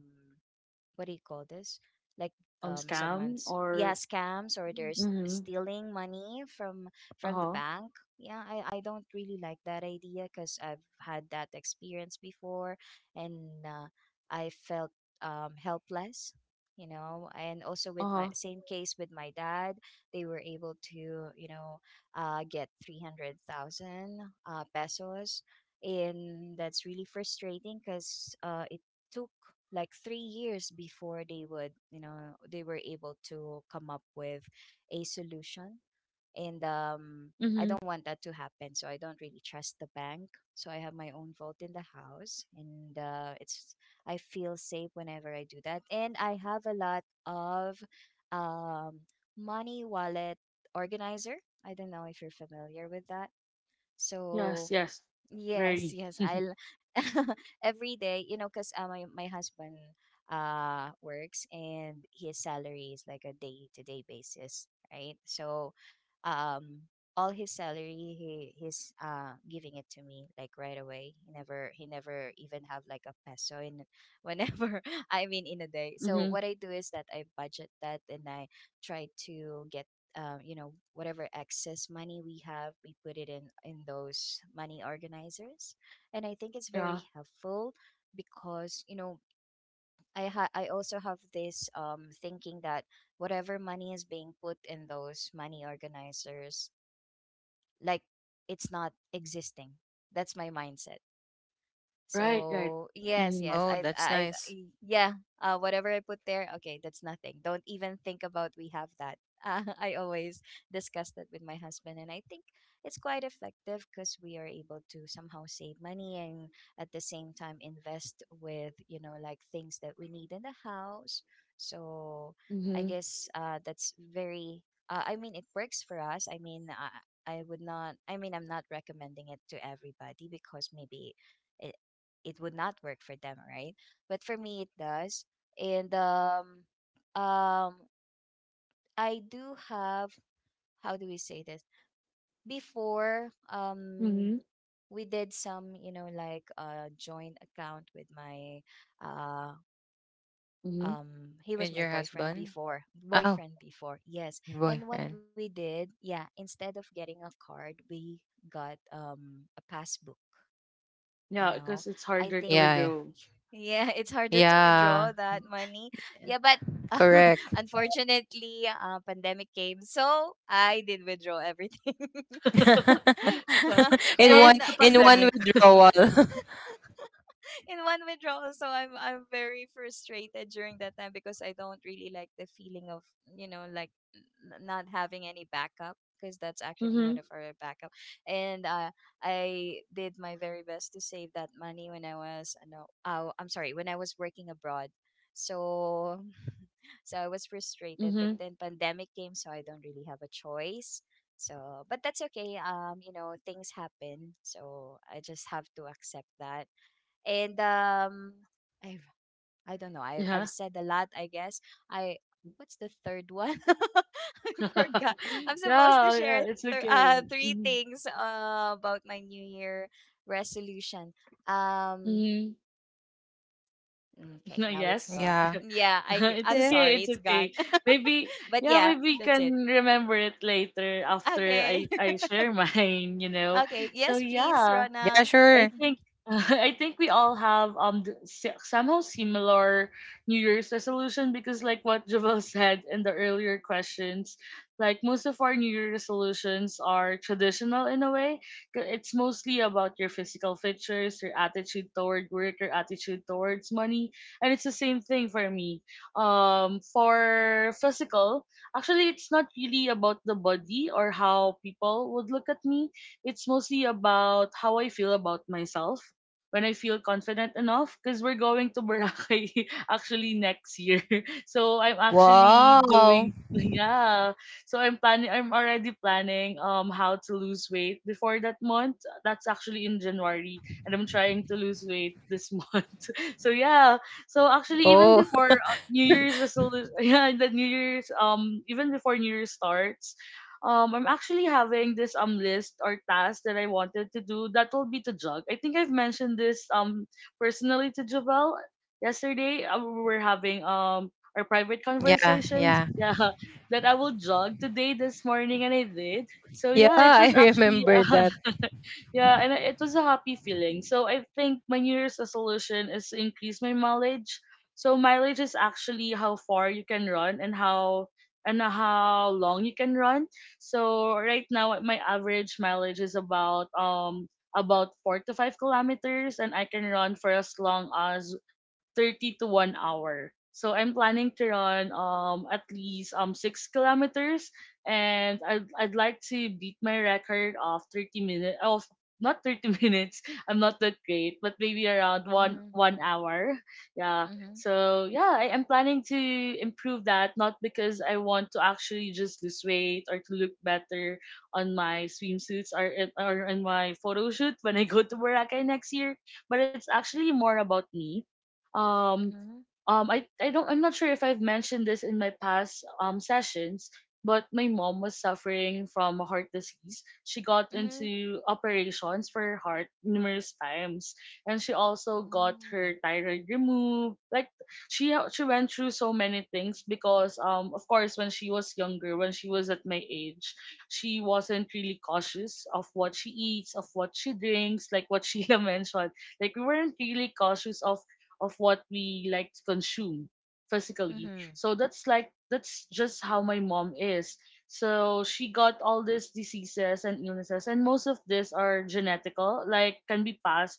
what do you call this? Like Um, um scam someone's yeah, or. scams, or they're s- Mhm. stealing money from Uh from the huh. bank. Yeah, I I don't really like that idea because I've had that experience before. And uh, I felt um helpless. You know, and also with Uh my huh. same case with my dad, they were able to, you know, uh, get three hundred thousand uh, pesos. And that's really frustrating because uh, it took like three years before they would, you know, they were able to come up with a solution. And um, I Mhm. don't want that to happen. So I don't really trust the bank. So I have my own vault in the house. And uh, it's, I feel safe whenever I do that. And I have a lot of um, money wallet organizer. I don't know if you're familiar with that. Yes. So Yes. yes, Very. yes. I'll every day, you know, because uh, my my husband uh works and his salary is like a day to day basis, right? So, um, all his salary he he's uh giving it to me like right away. He never he never even have like a peso in whenever I mean in a day. So Mhm. what I do is that I budget that, and I try to get, uh, you know, whatever excess money we have we put it in in those money organizers. And I think it's very Yeah. helpful because, you know, i ha- I also have this um thinking that whatever money is being put in those money organizers, like, it's not existing. That's my mindset. Right. Right. So yes, Mhm. yes, Oh, I, that's I, I- nice. yeah, uh, whatever I put there, okay, that's nothing. Don't even think about we have that. Uh, I always discuss that with my husband, and I think it's quite effective because we are able to somehow save money and at the same time invest with, you know, like things that we need in the house. So I Mhm. guess, uh, that's very. Uh, I mean, it works for us. I mean, I, I would not. I mean, I'm not recommending it to everybody because maybe i- it would not work for them, right? But for me, it does. And um, um, I do have, how do we say this? Before, um, Mhm. we did some, you know, like a joint account with my uh Mhm. um he With was your my boyfriend husband? before, Oh, boyfriend before, yes. And boyfriend. what we did, yeah, instead of getting a card, we got um a passbook, you Yeah, know, because it's I harder to think. Yeah, yeah. withdraw. Yeah, it's harder to withdraw Yeah, that money. Yeah, but correct. unfortunately, uh, pandemic came, so I did withdraw everything. Yeah. In Well, one, it's and the in one pandemic. withdrawal. in one withdrawal. So i'm i'm very frustrated during that time because I don't really like the feeling of, you know, like, n- not having any backup because that's actually one Mhm. of our backup. And uh, I did my very best to save that money when I was, uh, no oh, I'm sorry, when I was working abroad. So. So I was frustrated, but Mhm. then pandemic came, so I don't really have a choice. So but that's okay. Um you know, things happen, so I just have to accept that. And um I've I I do not know. I I've Yeah. said a lot, I guess. I What's the third one? I forgot. I'm supposed to Yeah. share Yeah. It's th- okay. uh three Mhm. things uh, about my New Year resolution. um Mhm. mm, okay, now it's Yes. yeah. gone. Yeah, I g- Yeah. It's I'm okay, sorry, it's it's gone. okay. Maybe But yeah, yeah, maybe you that's can it. remember it later after Okay. I I share mine, you know. Okay, So yes, please, Yeah, yeah. Rona. sure. I Mhm. think I think we all have um the, si- somehow similar New Year's resolution because like what Javel said in the earlier questions, like most of our New Year resolutions are traditional in a way. 'Cause it's mostly about your physical features, your attitude toward work, your attitude towards money, and it's the same thing for me. Um, for physical, actually, it's not really about the body or how people would look at me. It's mostly about how I feel about myself when I feel confident enough because we're going to Boracay actually next year. So I'm actually Wow. doing yeah. So I'm planning I'm already planning um how to lose weight before that month. That's actually in January and I'm trying to lose weight this month. So yeah. So actually even Oh, before uh, New Year's resolution, yeah, the New Year's um even before New Year starts, um I'm actually having this um list or task that I wanted to do that will be to jog. I think I've mentioned this um personally to Javel yesterday. Uh, we were having um our private yeah, conversations. yeah. Yeah, that I will jog today this morning and I did. So Yeah, yeah, it I was actually remember that. uh, yeah, and it was a happy feeling. So I think my New Year's resolution is to increase my mileage. So mileage is actually how far you can run and how and how long you can run. So right now my average mileage is about um about four to 5 kilometers and I can run for as long as thirty to 1 hour. So I'm planning to run um at least um 6 kilometers and I'd, I'd like to beat my record of 30 minutes of, not thirty minutes. I'm not that great, but maybe around 1 Mhm. 1 hour. Yeah. Mhm. So yeah, I am planning to improve that, not because I want to actually just lose weight or to look better on my swimsuits or in- or in my photo shoot when I go to Boracay next year, but it's actually more about me. um Mhm. um I I don't I'm not sure if I've mentioned this in my past um sessions, but my mom was suffering from a heart disease. She got Mhm. into operations for her heart numerous times, and she also got Oh. her thyroid removed. Like she she went through so many things because um of course when she was younger, when she was at my age, she wasn't really cautious of what she eats, of what she drinks, like what Sheila mentioned. Like we weren't really cautious of of what we like to consume physically. Mhm. So that's like that's just how my mom is. So she got all these diseases and illnesses, and most of these are genetical, like can be passed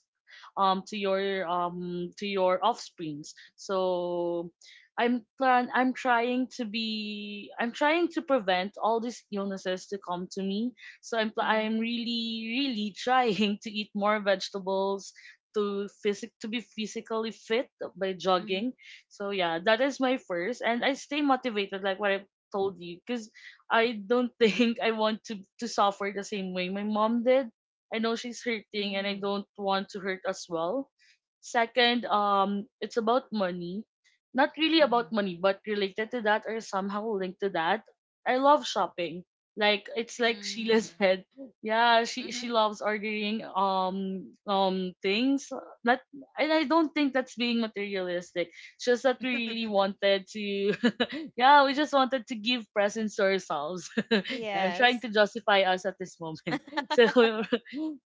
um to your um to your offsprings. So I'm plan I'm trying to be I'm trying to prevent all these illnesses to come to me. So I'm pl- I'm Mhm. really really trying to eat more vegetables, to physic to be physically fit by Mhm. jogging. So yeah, that is my first, and I stay motivated like what I told you, because I don't think I want to to suffer the same way my mom did. I know she's hurting, and Mm. I don't want to hurt as well. Second, um, it's about money. Not really Mhm. about money, but related to that or somehow linked to that. I love shopping. Like it's like Mm. Sheila said, yeah, she Mhm. she loves ordering um um things that, and I don't think that's being materialistic. It's just that we really wanted to yeah, we just wanted to give presents to ourselves. Yeah, I'm Yes. trying to justify us at this moment. So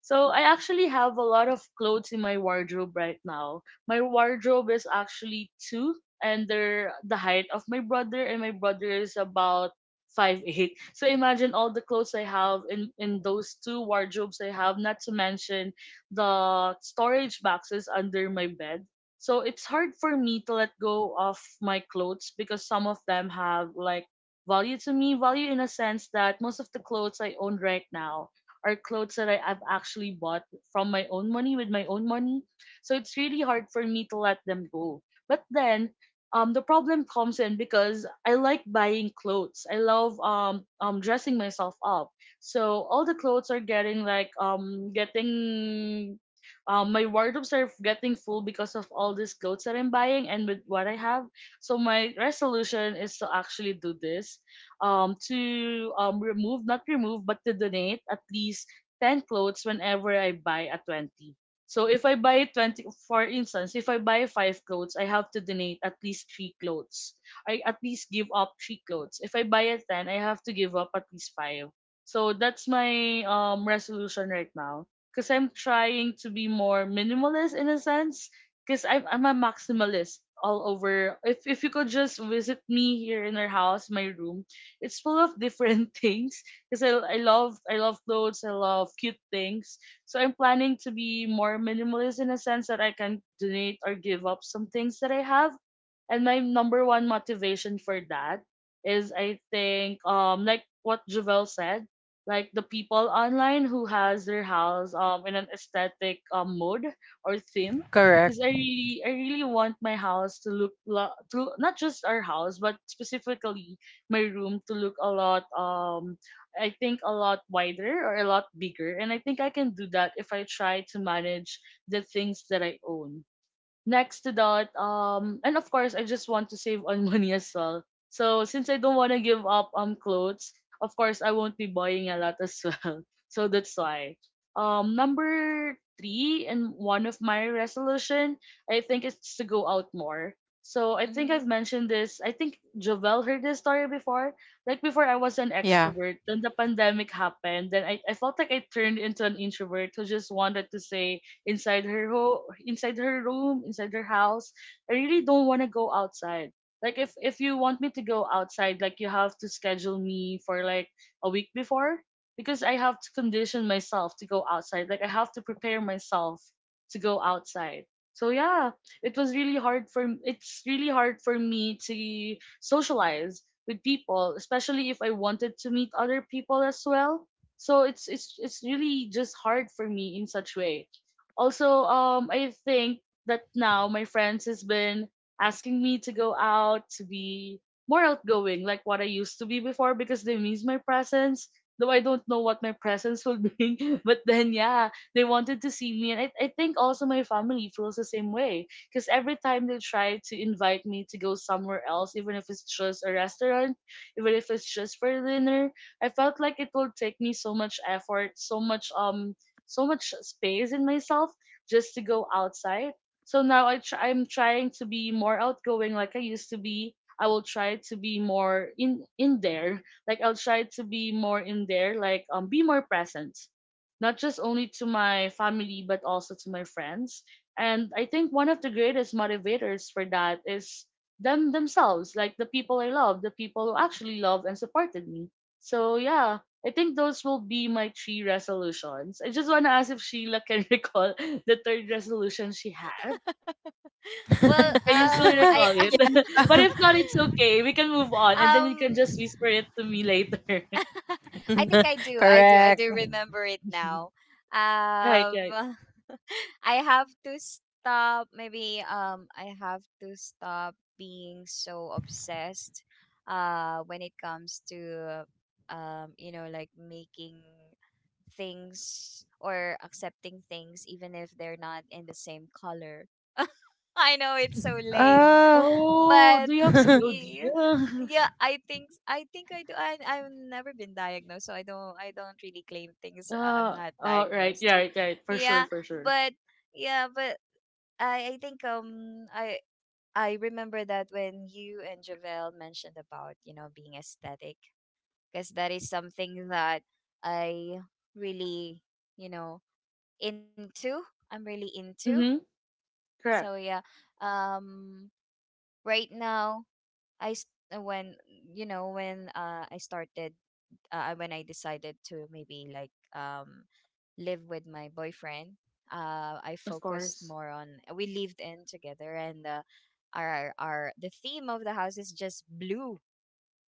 so I actually have a lot of clothes in my wardrobe right now. My wardrobe is actually two, and they're the height of my brother, and my brother is about five eight. So imagine all the clothes I have in in those two wardrobes I have. Not to mention the storage boxes under my bed. So it's hard for me to let go of my clothes because some of them have like value to me, value in a sense that most of the clothes I own right now are clothes that I, have actually bought from my own money, with my own money. So it's really hard for me to let them go. But then um the problem comes in because I like buying clothes. I love um um dressing myself up. So all the clothes are getting like um getting um my wardrobes are getting full because of all these clothes that I'm buying and with what I have. So my resolution is to actually do this, um, to um, remove, not remove, but to donate at least ten clothes whenever I buy a twenty. So if I buy twenty, for instance, if I buy five clothes, I have to donate at least three clothes. I at least give up three clothes. If I buy a ten, I have to give up at least five. So that's my um, resolution right now. Because I'm trying to be more minimalist in a sense. Because I'm, I'm a maximalist all over. If, if you could just visit me here in our house, my room, it's full of different things because I, I love I love clothes, I love cute things. So I'm planning to be more minimalist in a sense that I can donate or give up some things that I have. And my number one motivation for that is, I think, um like what Javel said, like the people online who has their house um in an aesthetic um mode or theme. Correct. Because I really I really want my house to look lo- to not just our house, but specifically my room, to look a lot um I think a lot wider or a lot bigger. And I think I can do that if I try to manage the things that I own. Next to that, um, and of course, I just want to save on money as well. So since I don't want to give up um clothes, of course, I won't be buying a lot as well. So that's why. Um, number three and one of my resolution, I think, it's to go out more. So I think I've Mhm. mentioned this. I think Jovel heard this story before. Like before, I was an Yeah. extrovert. Then the pandemic happened. Then I, I felt like I turned into an introvert who just wanted to say inside her ho- inside her room, inside her house. I really don't want to go outside. Like if if you want me to go outside, like you have to schedule me for like a week before, because I have to condition myself to go outside. Like I have to prepare myself to go outside. So yeah, it was really hard for it's really hard for me to socialize with people, especially if I wanted to meet other people as well. So it's it's it's really just hard for me in such way. Also, um I think that now my friends has been asking me to go out, to be more outgoing like what I used to be before, because they miss my presence, though I don't know what my presence will be. But then yeah, they wanted to see me, and i, I think also my family feels the same way, because every time they try to invite me to go somewhere else, even if it's just a restaurant, even if it's just for dinner, I felt like it will take me so much effort, so much um so much space in myself, just to go outside. So now I try, I'm trying to be more outgoing like I used to be. I will try to be more in in there. Like I'll try to be more in there, like um be more present. Not just only to my family, but also to my friends. And I think one of the greatest motivators for that is them themselves, like the people I love, the people who actually love and supported me. So yeah, I think those will be my three resolutions. I just want to ask if Sheila can recall the third resolution she had. Well, Can you still um, I recall it? Yeah. But if not, it's okay. We can move on, and then you can um, just whisper it to me later. I think I do. I do. I Correct. do remember it now. Right, right. Um, I have to stop. Maybe um, I have to stop being so obsessed. Uh, when it comes to, um, you know, like, making things or accepting things, even if they're not in the same color. I know it's so lame, Oh. Oh, but do you have y- C O D? yeah, i think i think I do. I, I've never been diagnosed, so i don't i don't really claim things. uh, I'm Uh, not oh, right, yeah, diagnosed to. right, right. For sure, Yeah, for sure. but yeah, but i i think, um I I remember that when you and Javel mentioned about, you know, being aesthetic, because that is something that I really, you know, into. I'm really into. Mm-hmm. So Correct. yeah. um right now I s- uh, when, you know, when, uh, I started, uh, when I decided to maybe like um live with my boyfriend. Uh, I Of focused more course. on we lived in together, and uh, our our the theme of the house is just blue,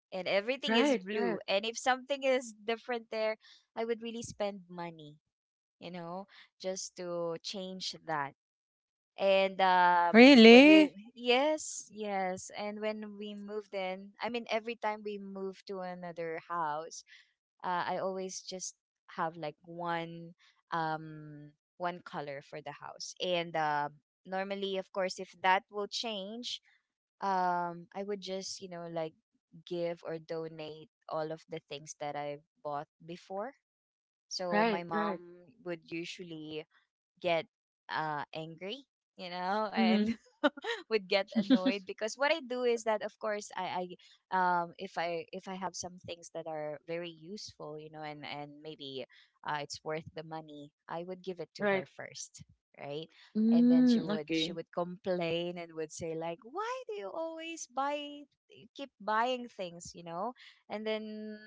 and everything is Right, blue. right, And if something is different there, I would really spend money, you know, just to change that. And um when we Really? Yes, yes. And when we moved in, I mean, every time we move to another house, uh, I always just have like one um one color for the house, and uh, normally, of course, if that will change, um I would just, you know, like, give or donate all of the things that I bought before. So my right, mom right. would usually get uh, angry, you know, and Mm-hmm. would get annoyed because what I do is that, of course, I, I, um, if I if I have some things that are very useful, you know, and and maybe, uh, it's worth the money, I would give it to her Right. first, right? And then she Mm, would she okay. would complain and would say, like, why do you always buy keep buying things, you know? And then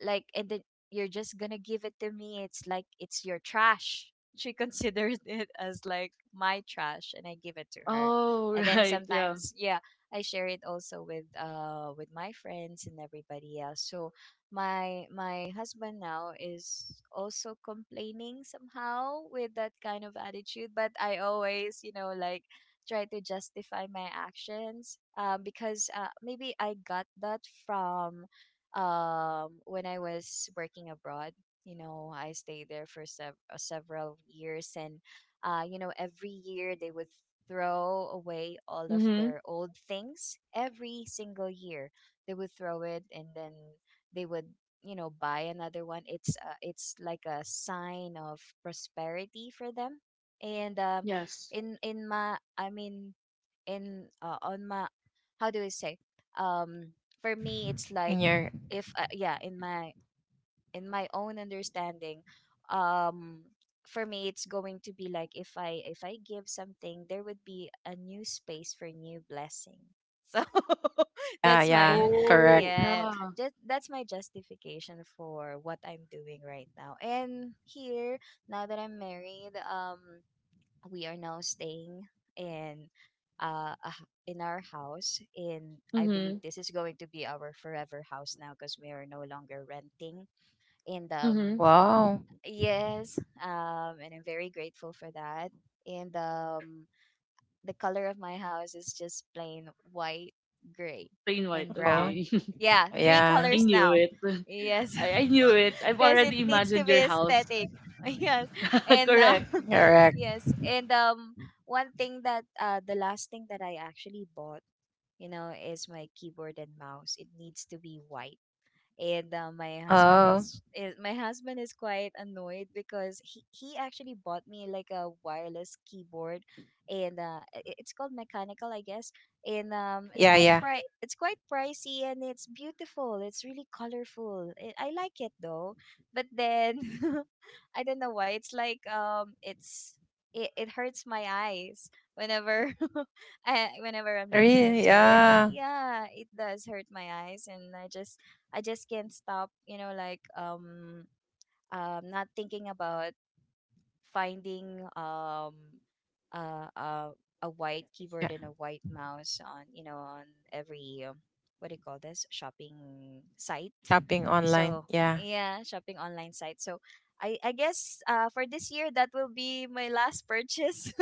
like and then you're just gonna give it to me. It's like it's your trash. She considers it as like my trash, and I give it to her. Oh, And then right. Yeah. sometimes, yeah, I share it also with, uh with my friends and everybody else. So my my husband now is also complaining somehow with that kind of attitude, but I always, you know, like, try to justify my actions, um, because, uh, maybe I got that from um when I was working abroad. You know, I stayed there for sev- uh, several years, and uh, you know, every year they would throw away all of Mhm. their old things. Every single year, they would throw it, and then they would, you know, buy another one. It's uh, it's like a sign of prosperity for them, and um, Yes. in in my, I mean, in, uh, on my, how do I say, um for me it's like if, In uh, your, yeah, in my in my own understanding, um for me, it's going to be like if I if I give something, there would be a new space for new blessing. So. That's my, yeah, Oh, yeah. yeah, yeah. Correct. just that's my justification for what I'm doing right now. And here now that I'm married, um, we are now staying in uh a h- in our house in, I believe Mhm. this is going to be our forever house now because we are no longer renting. And um Mhm. Wow. yes, um and I'm very grateful for that. And um the color of my house is just plain white, gray, Plain white. and brown. Okay. Yeah, Oh. three I colors knew now. it. Yeah. Yes. I, I knew it. I've Because it already needs to imagined your be house. aesthetic. Yes, and uh, Correct. yes, and Correct. um, one thing that uh, the last thing that I actually bought, you know, is my keyboard and mouse. It needs to be white. And uh, my husband is, is my Oh. husband is quite annoyed because he, he actually bought me like a wireless keyboard, and uh, i- i- it's called mechanical, I guess. And um, it's quite pri- it's quite Yeah, yeah. pricey, and it's beautiful, it's really colorful. I i like it though. But then I don't know why it's like, um it's, it, it hurts my eyes whenever I, whenever I'm looking Really? into it. Yeah. Yeah, it does hurt my eyes, and I just, I just can't stop, you know, like, um um not thinking about finding, um uh, uh a white keyboard and a white Yeah. mouse on, you know, on every, um, what do you call this shopping site. So Shopping online. yeah, Yeah. shopping online site. So I I guess, uh for this year, that will be my last purchase.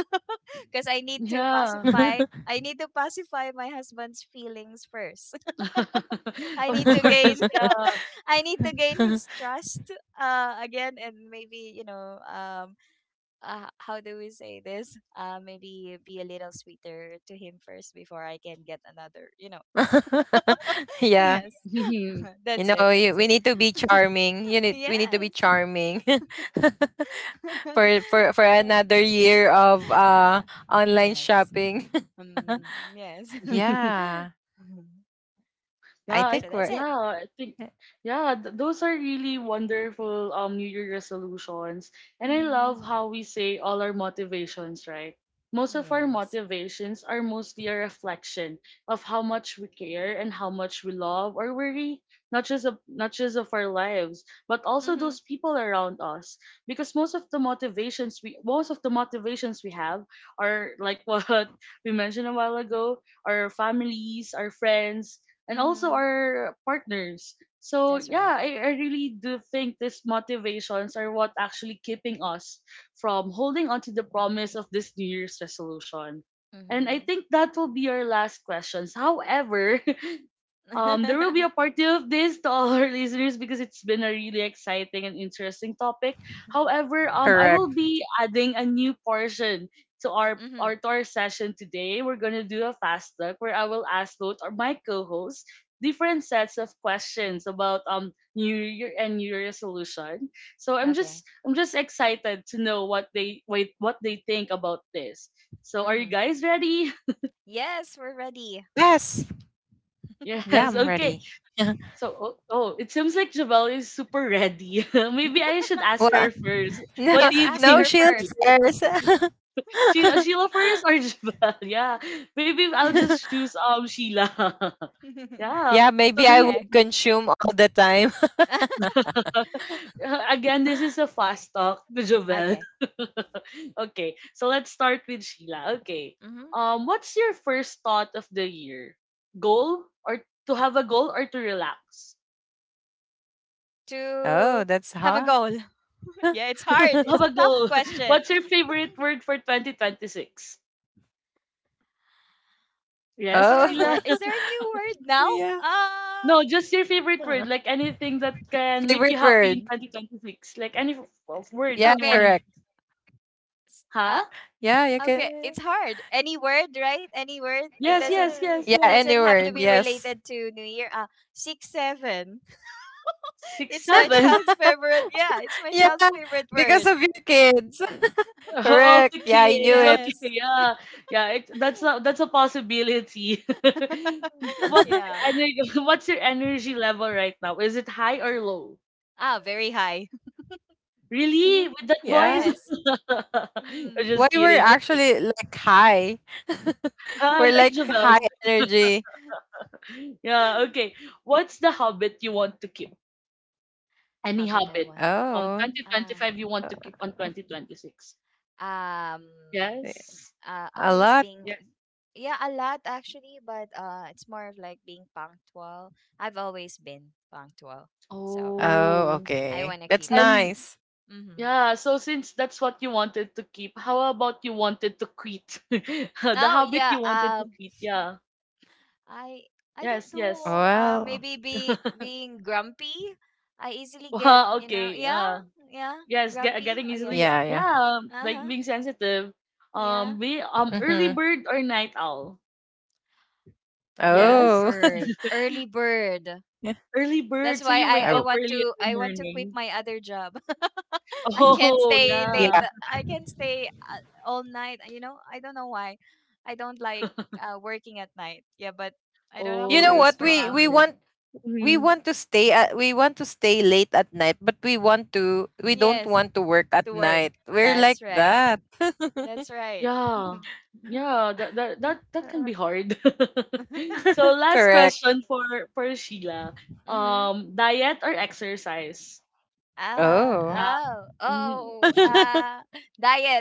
Because I need to Yeah. pacify I need to pacify my husband's feelings first. I Of need to gain course. Yeah. I need to gain his trust uh again, and maybe, you know, um uh, how do we say this, uh maybe be a little sweeter to him first before I can get another, you know. Yeah. Yes. You That's know, it, you, we that's need to be it. charming. You need, we need to be Yes. charming. For for for Oh. another year of, uh, Ah, online yes. shopping. um yes. Yeah, Mhm. Yeah, I I, So think that's we're, it. yeah, I think yeah, th- those are really wonderful um New Year resolutions. And I Mhm. love how we say all our motivations, right? Most of our Yes. motivations are mostly a reflection of how much we care and how much we love or worry, not just of not just of our lives, but also Mhm. those people around us. Because most of the motivations we most of the motivations we have are like what we mentioned a while ago, our families, our friends, and also Mhm. our partners. So That's yeah, right. I, I really do think these motivations are what actually keeping us from holding on to the promise of this New Year's resolution. And I Mm-hmm. think that will be our last questions. However, um, there will be a part two of this to all our listeners, because it's been a really exciting and interesting topic. However, um, I will correct. be adding a new portion to our, Mm-hmm. our to our session today. We're gonna do a fast look where I will ask both or my co-hosts different sets of questions about um New Year and New Year resolution. So I'm just Okay. I'm just excited to know what they wait what they think about this. So are you Mm-hmm. guys ready? Yes, we're ready. Yes. Yeah, Yes, I'm okay. ready. So, oh, oh, it seems like Javel is super ready. Maybe I should ask her Well, first. no, What do Yes, you ask no think? her shield first. first. Sheila Sheila Sheila first or Javel? Yeah. Maybe I'll just choose um Sheila. Yeah. Yeah, So maybe this I Okay. would consume all the time. again, this is a fast talk to Javel. Okay. Okay. So let's start with Sheila. Okay. Mm-hmm. Um, what's your first thought of the year? Goal, or to have a goal or to relax? To Oh, have a that's goal. hot. Yeah, it's hard. To It's have a a Oh, tough goal. question. What's your favorite word for twenty twenty-six? Yes, Is there a Sheila. word? Is oh, there a new word now? yeah. Uh, No, just your favorite word, Uh, like anything that can make you favorite happy in word. twenty twenty-six. Like any f- f- word that uh, Yeah, you want okay. to correct. use. s- Huh? Uh, Yeah, you okay. It's can. hard. Any word, right? Any word. It Uh, Yes, yeah, doesn't yes, any yes, yes. word. doesn't have to Yes. be related to New Year. Uh, six seven. Six, It's my seven. child's favorite. Yeah, Yeah, it's my child's favorite because of your word. kids. Correct. All the Yeah, I knew kids. it. Okay, Yes. yeah, yeah. It, that's a that's a possibility. What's your Yeah. energy? What's your energy level right now? Is it high or low? Ah, very high. Really, Mhm. with that voice? Yeah. Yes. Mm. I'm Why, just we're kidding. Okay. actually like high. Hi, We're like like Javel. high energy. Yeah, okay. What's the habit you want to keep? Any Habit I habit want. from Oh, Ah. twenty twenty-five you want to uh, keep on twenty twenty-six? Um. eh, Yes. Uh, a always lot. being. Yes. Yeah, a lot actually, but uh, it's more of like being punctual. I've always been punctual, so Oh, Oh. I okay. want to That's keep that. And nice. Mm-hmm. yeah, so since that's what you wanted to keep, how about you wanted to quit? The Oh habit yeah. you wanted to Um. quit. Yeah. I I don't Yes, yes. know. Uh, Well, maybe be being grumpy. I easily get, Wow, you know. okay. Yeah, Uh, yeah, yes, get, grumpy, getting I easily, guess. yeah, uh, yeah. yeah, Uh like huh. being sensitive. Um, Yeah. be um early Mhm. bird or night owl. Oh. Early Yes. bird. Early bird. Yeah. Early That's bird, so why you wake Oh, I I up want early in to I the want to quit morning. my other job. I can't Oh, stay yeah. late. yeah. I can't stay, uh, all night. You know. I don't know why. I don't like, uh, working at night. Yeah, but I don't have a You Oh, know choice that's what? for We now. we why. want, we Mhm. want to stay at, we want to stay late at night, but we want to, we don't Yes, want to work at to work. night. We're That's like right. that. That's right. Yeah. Yeah, that that that that can Uh, be hard. So last correct. question for for Sheila. Mhm. Um, diet or exercise? Ah, Oh. Yeah. oh, Mhm. oh, ah, diet.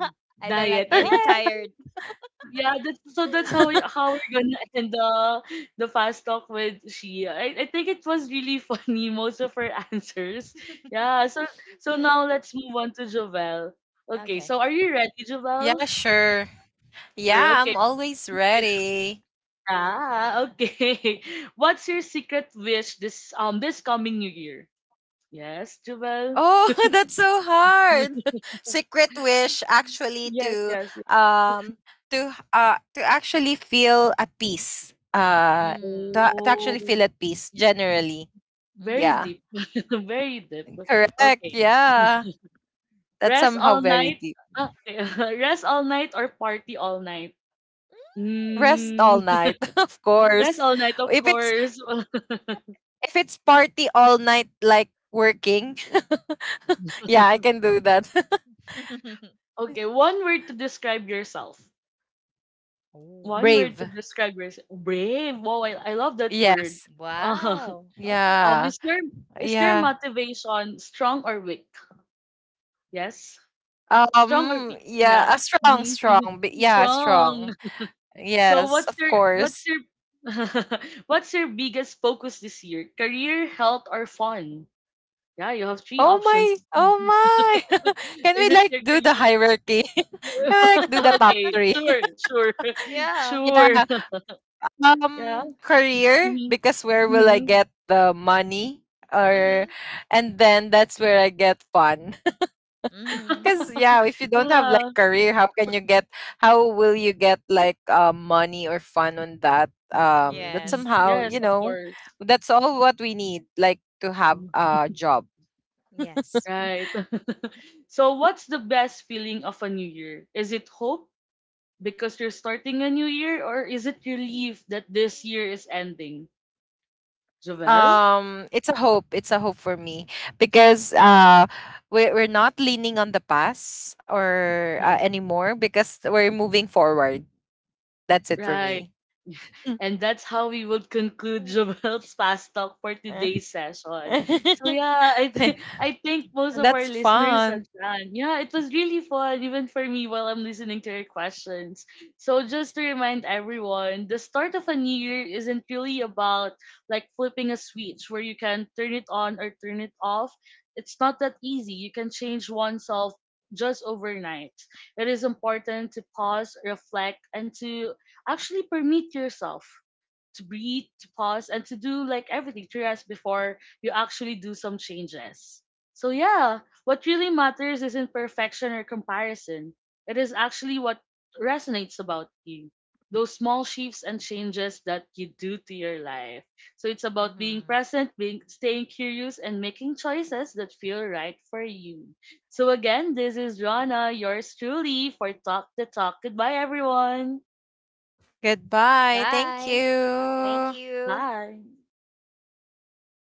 I don't like Diet. getting Yes. tired. Yeah, that's so that's how we how we're gonna end the the fast talk with Shia. I, I think it was really funny, most of her answers. Yeah, so so Mm, now let's move on to Jovel. Okay, okay. so are you ready, Jovel? Yeah, sure. We're Yeah, okay. I'm always ready. Ah, okay. What's your secret wish this um this coming new year? Yes, Jovel? Oh, that's so hard. Secret wish, actually, Yes, to, yes, yes. um, to, uh, to actually feel at peace, uh, to, Mm. to actually Oh, feel at peace, generally. very Mhm. Yeah, deep. Very deep. correct, Okay. yeah. That's Rest somehow all very night. deep. Ah, rest all night or party all night? Mm. Rest all Mm, night, of Mhm. rest course. all night, of If it's course. if it's party all night, like working, yeah, I can do that. Okay, one word to describe yourself. Oh. One word to Brave. describe yourself. Brave. Wow, I, I love that word. Yes. Uh, Wow. Okay. um, Yeah. is your is your Yeah. motivation strong or weak? Yes, strong or Um weak? yeah, a Yeah, strong mhm, mhm. strong. But yeah, Strong. strong. So Yes, what's of your what's course. your what's your biggest focus this year? Career, health, or fun? Yeah, you have Mm. three Oh my. options. Oh my. Can we Is it like clear for do you? the hierarchy? Can we like do the top Okay, three? sure, sure, Yeah. sure. Yeah. Yeah. Um, career, Hmm, because where will I hmm. get the money? Mhm. Or, and then that's where I get fun. Mhm. Because yeah, if you don't have like Yeah. career, how can you get? How will you get like, uh, money, or fun on that? Um, that Yes. somehow, Yes, you of know, course. that's all what we need, like to have Mhm. a job. Yes. Right. So, what's the best feeling of a new year? Is it hope because you're starting a new year, or is it relief that this year is ending? Jovel? Um, it's a hope, it's a hope for me. Because, uh, we're, we're not leaning on the past or, uh, Yes. anymore, because we're moving forward. That's it for me. Right. And that's how we would conclude Jovel's Fast Talk for Mm. today's session. So yeah, I th- I think most of our That's listeners have fun. done. Yeah, it was really fun, even for me while I'm listening to your questions. So just to remind everyone, the start of a new year isn't really about like flipping a switch where you can turn it on or turn it off. It's not that easy. You can change oneself just overnight. It is important to pause, reflect, and to actually permit yourself to breathe, to pause, and to do like everything to rest before you actually do some changes. So, yeah, what really matters isn't perfection or comparison, it is actually what resonates about you. Those small shifts and changes that you do to your life. So it's about being Mhm. present, being staying curious, and making choices that feel right for you. So again, this is Rana, yours truly for Talk the Talk. Goodbye, everyone. Goodbye, thank Bye. Thank you. you. Bye.